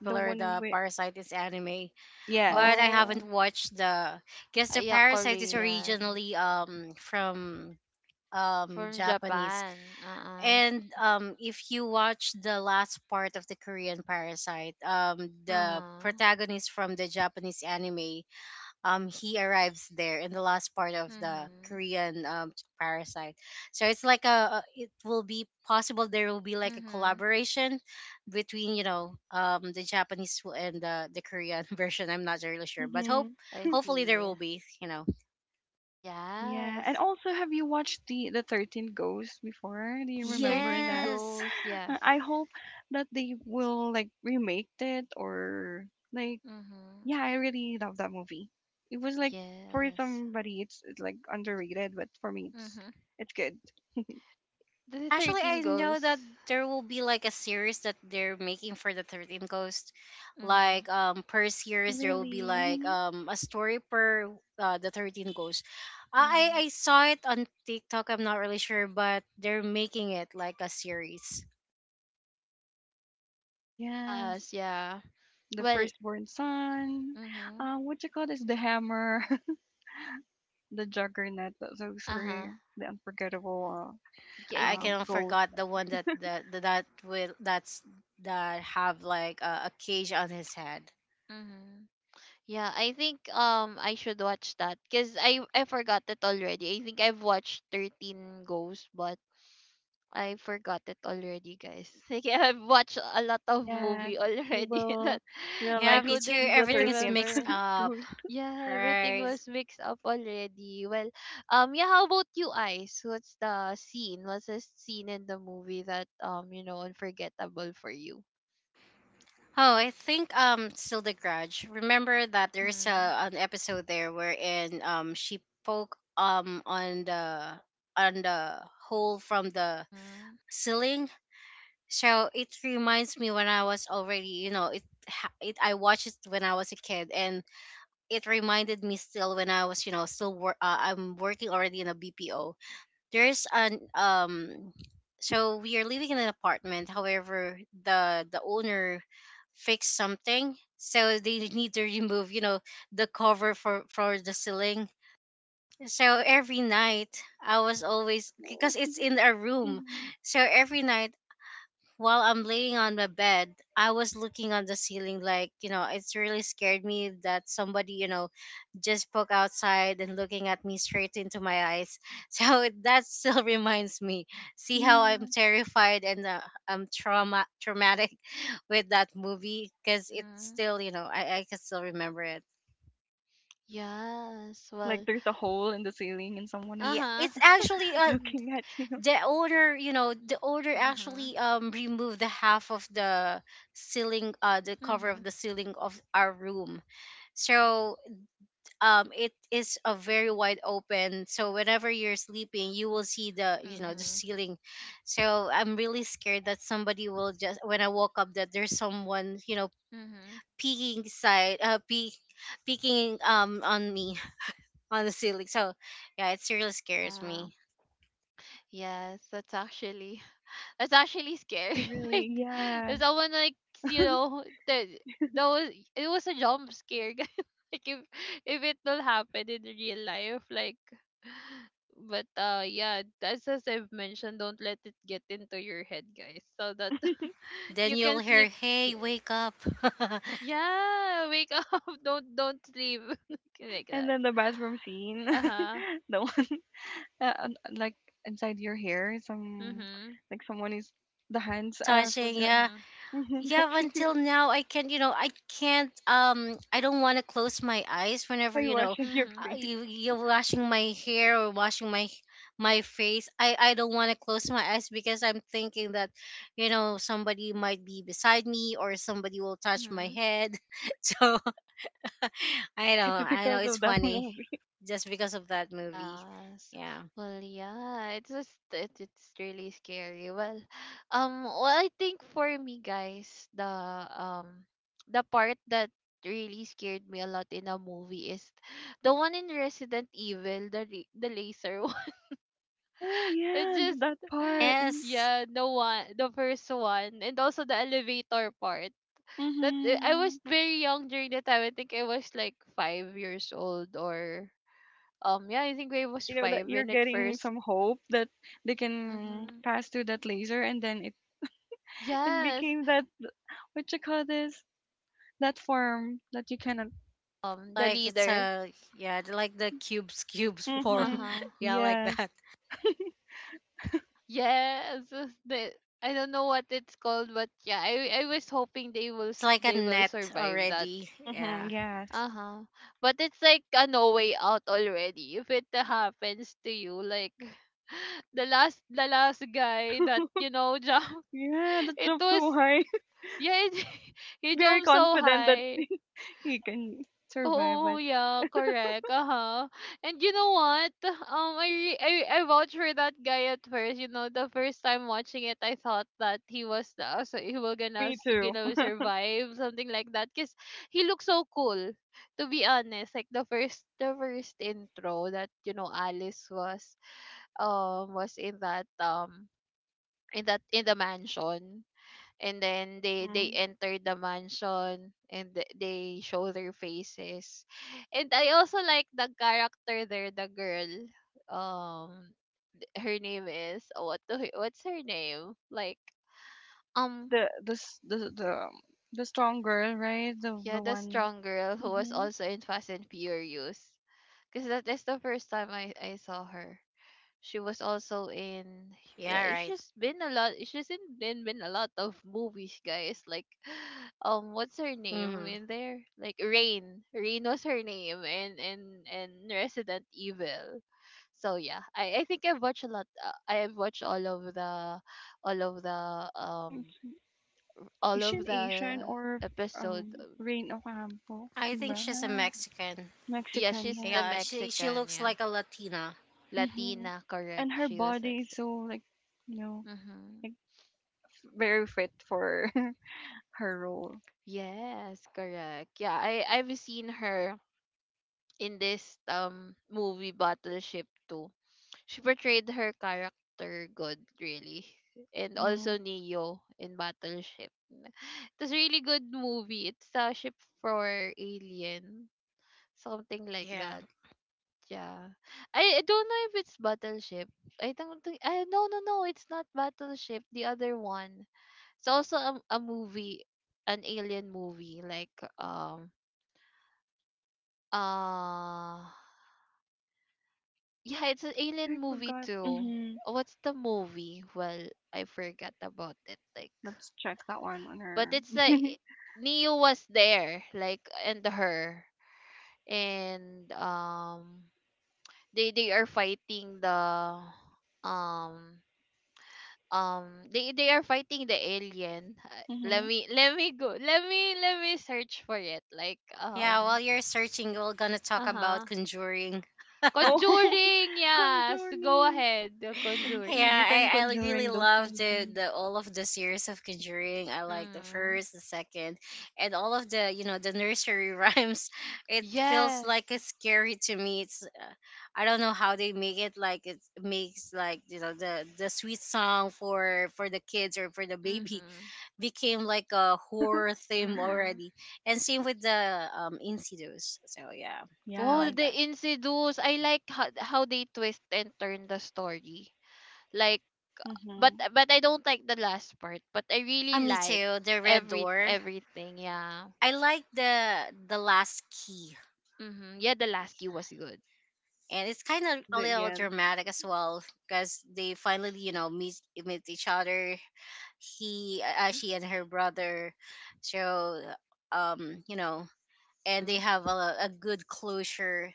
B: the one
C: The
B: with
C: Parasite is anime, but
B: yes.
C: I
A: Oh,
C: haven't watched the. Guess
A: ah,
C: the
A: yeah,
C: Parasite is
A: Korean
C: originally from
A: from
C: Japanese,
A: Japan.
C: and if you watch the last part of the Korean Parasite,
A: Uh
C: the
A: huh.
C: protagonist from the Japanese anime he arrives there in the last part of the
A: Mhm.
C: Korean Parasite. So it's like it will be possible there will be like a
A: Mhm.
C: collaboration between, the Japanese and the Korean version. I'm not really sure, but
B: Mm-hmm.
A: I
C: hopefully there
A: see.
C: will be, you know.
B: Yeah, and
A: Yes.
B: also, have you watched the 13 Ghosts before? Do you remember
A: 13
B: that?
C: Yes.
A: goes. Yes.
B: I hope that they will like remake it. Or like
A: Mm-hmm.
B: yeah, I really love that movie. It was like for
A: Yes.
B: somebody it's like underrated, but for me it's
A: Mm-hmm.
B: it's good.
A: The
C: Actually,
A: 13
C: I know that
A: goes.
C: there will be like a series that they're making for the 13 Ghost.
A: Mm-hmm.
C: Like, per series there will be
B: Really?
C: like
B: Mhm.
C: a story per the 13 Ghost. I
A: Mm-hmm.
C: saw it on TikTok. I'm not really sure, but they're making it like a series.
B: Yes.
A: Yes, yeah.
B: The
A: Well,
B: firstborn son.
A: mm-hmm.
B: What you call this? The hammer, the juggernaut. Those
A: Uh-huh.
B: were the unforgettable
A: Yeah,
B: uh,
A: I
C: I
A: think.
B: um,
C: cannot forgot the one that that that, that will that's that have like a cage on his head.
A: Mm-hmm. Yeah, I think I should watch that because I forgot it already. I think I've watched 13 goes, but I forgot it already, guys. Like I've watched a lot of
B: yeah,
A: movie
B: you
A: already
B: will
A: that I
C: Yeah,
B: realize
C: me
B: who's,
C: too.
A: couldn't
B: who's the
C: Everything is
B: 13th
C: mixed
A: remember.
C: up.
B: goose.
A: Yeah, everything
C: Right.
A: was mixed up already. Well, yeah. How about you, Ice? What's the scene in the movie that unforgettable for you?
C: Oh, I think still the Grudge. Remember that there's
A: Mhm.
C: an episode there wherein she poke on the hole from the
A: Mhm.
C: ceiling. So it reminds me when I was already, you know, it ha- it I watched it when I was a kid, and it reminded me still when I was, you know, still work I'm working already in a BPO. There's an so we are living in an apartment. However, the owner fixed something, so they need to remove, you know, the cover for the ceiling. So every night I was always, because it's in a room,
B: hmm
C: so every night while I'm laying on my bed, I was looking on the ceiling like, you know, it's really scared me that somebody, you know, just poke outside and looking at me straight into my eyes. So it- that still reminds me. See
B: Yeah,
C: how I'm terrified and, I'm traumatic with that movie, because it's
A: Mhm.
C: still, you know, I can still remember it.
A: Yes.
B: like
A: Well.
B: there's a hole in the ceiling and someone
A: Uh
B: is
C: Yeah,
A: huh.
C: it's actually,
B: looking at you.
C: the order, you know, the order
A: Mhm.
C: actually removed the half of the ceiling, uh, the cover of
A: Mhm.
C: the ceiling of our room. So, it is a very wide open, so whenever you're sleeping you will see the, you know, the
A: Mhm.
C: ceiling. So I'm really scared that somebody will just, when I woke up, that there's someone, you know,
A: Mhm.
C: peeking side uh peek, peeking on me on the ceiling. So yeah, it really scares
A: Yeah.
C: me.
A: Yes, that's actually I was actually scared.
B: It's really,
A: Like
B: yeah.
A: if someone like you know that that was it was a jump scare. Guys. Like if it will happen in real life, like, but yeah, that's as I've mentioned, don't let it get into your head, guys. So that
C: Then
A: you
C: you'll
A: can
C: hear,
A: sleep,
C: "Hey,
A: yeah,
C: wake up."
A: yeah, wake up. Don't sleep like
B: And
A: that.
B: then the bathroom scene,
A: Uh-huh.
B: the one, like inside your hair, some
A: Mhm.
B: like someone is, the hands are
C: Touching,
B: forgot
C: yeah.
A: Mhm.
C: Yeah, but
B: touching your
C: until now I can't, I don't want to close my eyes whenever,
B: while
C: you know,
B: washing your
A: Mhm.
B: face.
C: you you're washing my hair or washing my my face. I don't want to close my eyes because I'm thinking that, you know, somebody might be beside me or somebody will touch my
A: Mhm.
C: head. So I know,
B: It's
C: I know
B: because
C: it's
B: of that
C: funny,
B: movie.
C: just because of that movie.
A: Yes.
C: Yeah.
A: Well, yeah, it's just it's really scary. Well, I think for me, guys, the, um, the part that really scared me a lot in a movie is the one in Resident Evil, the the laser one.
B: Oh
A: It
B: yeah,
A: just,
B: that part.
C: Yes.
A: yeah, the one, the first one, and also the elevator part. That I
B: Mm-hmm.
A: was very young during the time. I think I was like 5 years old, or yeah, I think I was
B: You know that
A: 5
B: you're
A: when it
B: getting
A: first.
B: some hope that they can
A: Mm-hmm.
B: pass through that laser, and then it
A: Yes.
B: became that.
A: Um,
B: What you call
A: the
B: this, that
A: leader.
B: form that you cannot,
C: Like it's a, yeah, they like the cubes form.
B: mhm,
A: Uh-huh.
C: Yeah, like
B: yes,
C: that.
A: Yes. The, I don't know what it's called, but yeah, I was hoping
C: It's like a
A: they will
C: net
A: survive that.
C: already.
B: mhm,
C: Yeah.
B: yes.
A: Uh-huh. But it's like a no way out already. If it happens to you, like the last guy that jumped,
B: Yeah, that
A: it
B: jump
A: was,
B: so high.
A: yeah, he
B: Very
A: jumped so
B: confident that
A: high.
B: he can survive,
A: Oh
B: but
A: yeah, correct. Uh-huh. And you know what? I, re- I vouch for that guy at first. You know, the first time watching it, I thought that he was the so he will
B: me too.
A: gonna survive something like that. Cause he looks so cool. To be honest, like the first intro that Alice was um was in that um in the mansion, and then they
B: Mm.
A: enter the mansion, and they show their faces, and I also like the character there, the girl. um Her name is what's her name? Like,
B: Like
A: um
B: the the strong girl, right,
A: yeah,
B: the
A: the
B: one.
A: strong girl, who was
B: Mm-hmm.
A: also in Fast and Furious, because that is the first time I saw her. She was also in,
C: Yeah,
A: yeah,
C: right.
A: she's been a lot, she's in been a lot of movies, guys. Like what's her name
C: Hmm.
A: in there? Like, Rain. Rain was her name, and Resident Evil. So yeah, I think I've watched a lot, I've watched all of the um all of
B: Asian, Asian,
A: the
B: or
A: episode.
B: Rain Ocampo.
C: I think she's a
B: Wow.
C: Mexican.
A: Yeah,
B: Mexican,
A: she's
B: yeah.
A: the
C: Yeah, she
A: Mexican,
C: looks
A: yeah.
C: like a Latina.
B: hmm
A: Latina, correct.
B: And her
A: She was
B: body is
A: Mexican.
B: so like, you know,
A: Mm-hmm.
B: like very fit for her role.
A: Yes, correct. Yeah, I've seen her in this movie Battleship too. She portrayed her character good really. And
B: hmm
A: also Neo in Battleship. It's a really good movie. It's a ship for alien, something like
C: Yeah.
A: that. Yeah. I don't know if it's Battleship. I don't think I no, no, no, it's not Battleship, the other one. It's also a movie, an alien movie, like um Uh yeah, it's an
B: Yeah,
A: alien
B: I
A: movie
B: forgot.
A: too. What's the movie? Well, I forgot about it. Like,
B: Let's check that one on
A: but
B: her.
A: it's like Neo was there, like, and her, and they are fighting the um alien. Let
B: hmm
A: me let me go. Let me search for it. Like,
C: Yeah, while you're searching, we're gonna talk
A: uh
C: about
A: huh.
C: Conjuring.
B: Oh,
A: Conjuring, yes. Go
B: Conjuring,
A: ahead. The
C: Yeah,
B: Insidious,
A: Conjuring.
B: and
C: I really
B: Conjuring, those
C: love the,
B: movies.
C: the all of the series of Conjuring. I like the
A: Mhm.
C: first, the second, and all of the, you know, the nursery rhymes. It feels
A: Yes.
C: like it's scary to me. It's, I don't know how they make it like it makes like, you know, the sweet song for the kids or for the baby
A: Mhm.
C: became like a horror theme
A: Mhm.
C: already. And same with the Insidious. So yeah, I
A: Oh,
C: like
B: Yes.
A: the
C: that.
A: Insidious. I like how they twist and turn the story. Like,
B: hmm
A: but I don't like the last part. But I
C: Ah,
A: really
C: me
A: like
C: too. The Red Door.
A: everything. Yeah.
C: I like the Last Key,
A: Mm-hmm. Yeah, the last key was good.
C: and it's kind of a little
B: Again.
C: dramatic as well because they finally, you know, meet each other. He,
A: Mhm.
C: she, and her brother. So, you know, and they
A: Mhm.
C: have a good closure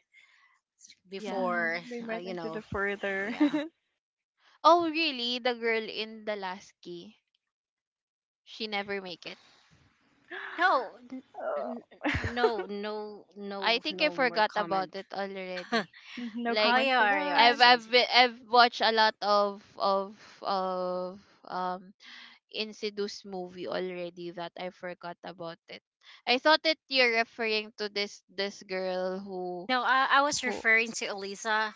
A: Yeah.
C: before,
B: They went
C: you
B: into
C: know,
B: the further.
C: yeah.
A: Oh, really? The girl in the last key, she never make it.
C: No,
B: Oh.
C: n- no,
A: I think I
C: no more
A: forgot
C: comment.
A: about it already.
B: Mhm, no
C: Oh,
A: Like.
B: comment
C: you
B: for
C: are you
B: that.
C: watching?
A: I've watched a lot of of um Insidious movie already, that I forgot about it. I thought that you're referring to this girl who
C: No, I was
A: who
C: referring to Elisa.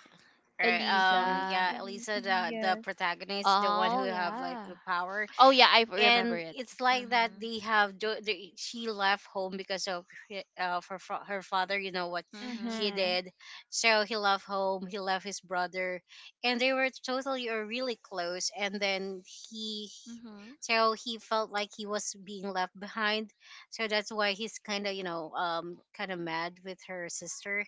C: Right.
B: Mhm,
A: Eliza.
C: Yeah,
B: really.
C: Elisa,
B: Mhm,
C: the
B: yes.
C: protagonist, the one who
A: Oh
C: have like
A: yeah.
C: the power.
A: Oh yeah, I remember
C: And
A: it.
C: it's like that
A: Mhm.
C: they have do- they, she left home because of her father, you know what
A: Mhm.
C: he
B: Mhm.
C: did. So he left home, he left his brother, and they were totally or really close, and then he,
A: Mhm.
C: so he felt like he was being left behind, so that's why he's kind of, you know, kind of mad with her sister.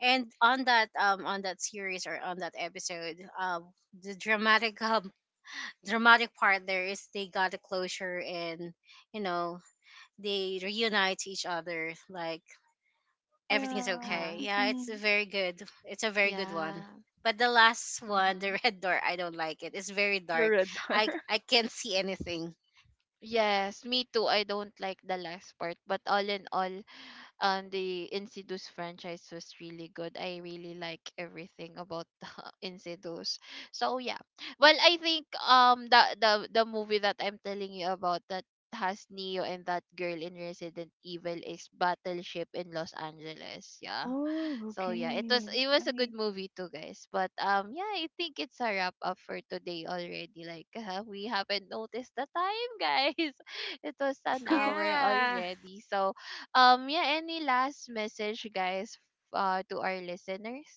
C: And on that, on that series or on that episode, the dramatic dramatic part there is they got a closure and, you know, they reunite each other, like everything's
A: Uh
B: Yeah.
A: huh.
C: okay. Yeah, it's a
B: Mhm.
C: very good, it's a very good one.
A: Yeah.
C: But the last one, the
A: Mhm.
C: Red Door, I don't like it, it's very
B: The
C: dark,
B: red bar.
C: i i can't see anything.
A: Yes, me too. I don't like the last part, but all in all, the Insidious franchise was really good. I really like everything about the Insidious. So yeah, well, I think the movie that I'm telling you about that has Neo and that girl in Resident Evil is Battleship in Los Angeles. Yeah.
B: Oh,
A: So yeah, it was
B: okay.
A: it was a good
B: Nice.
A: movie too, guys. But yeah, I think it's a wrap up for today already. Like we haven't noticed the time, guys. It was an hour
C: Yeah.
A: already. So yeah, any last message, guys, to our listeners?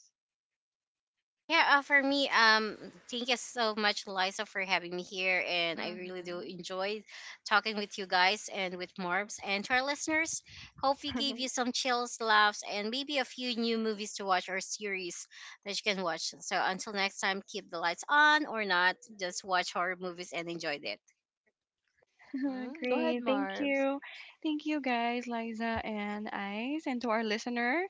C: Yeah, for me, thank you so much, Liza, for having me here, and I really do
A: Mm-hmm.
C: enjoy talking with you guys and with Marbs and to our listeners. Hope we gave you some chills, laughs, and maybe a few new movies to watch or series that you can watch. So until next time, keep the lights on or not, just watch horror movies and enjoy it.
A: Mm-hmm. Go ahead,
B: Great. Thank
A: Marbs.
B: you. Thank you guys, Liza and Ice, and to our listener.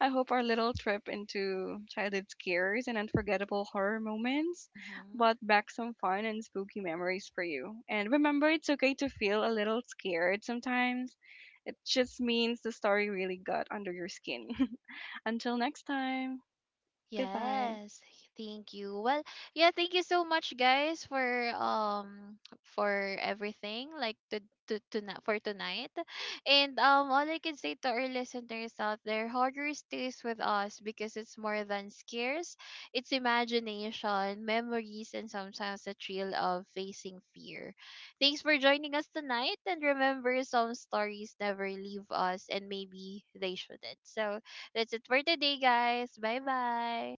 B: I hope our little trip into childhood scares and unforgettable horror moments
A: Mm-hmm.
B: brought back some fun and spooky memories for you. And remember, it's okay to feel a little scared sometimes. It just means the story really got under your skin. Until next time, goodbye.
A: Yes, thank you. Well, yeah, thank you so much, guys, for um everything, like to tonight for tonight, and all I can say to our listeners out there, horror stays with us because it's more than scares, it's imagination, memories, and sometimes the thrill of facing fear. Thanks for joining us tonight, and remember, some stories never leave us, and maybe they shouldn't. So that's it for today, guys. Bye bye.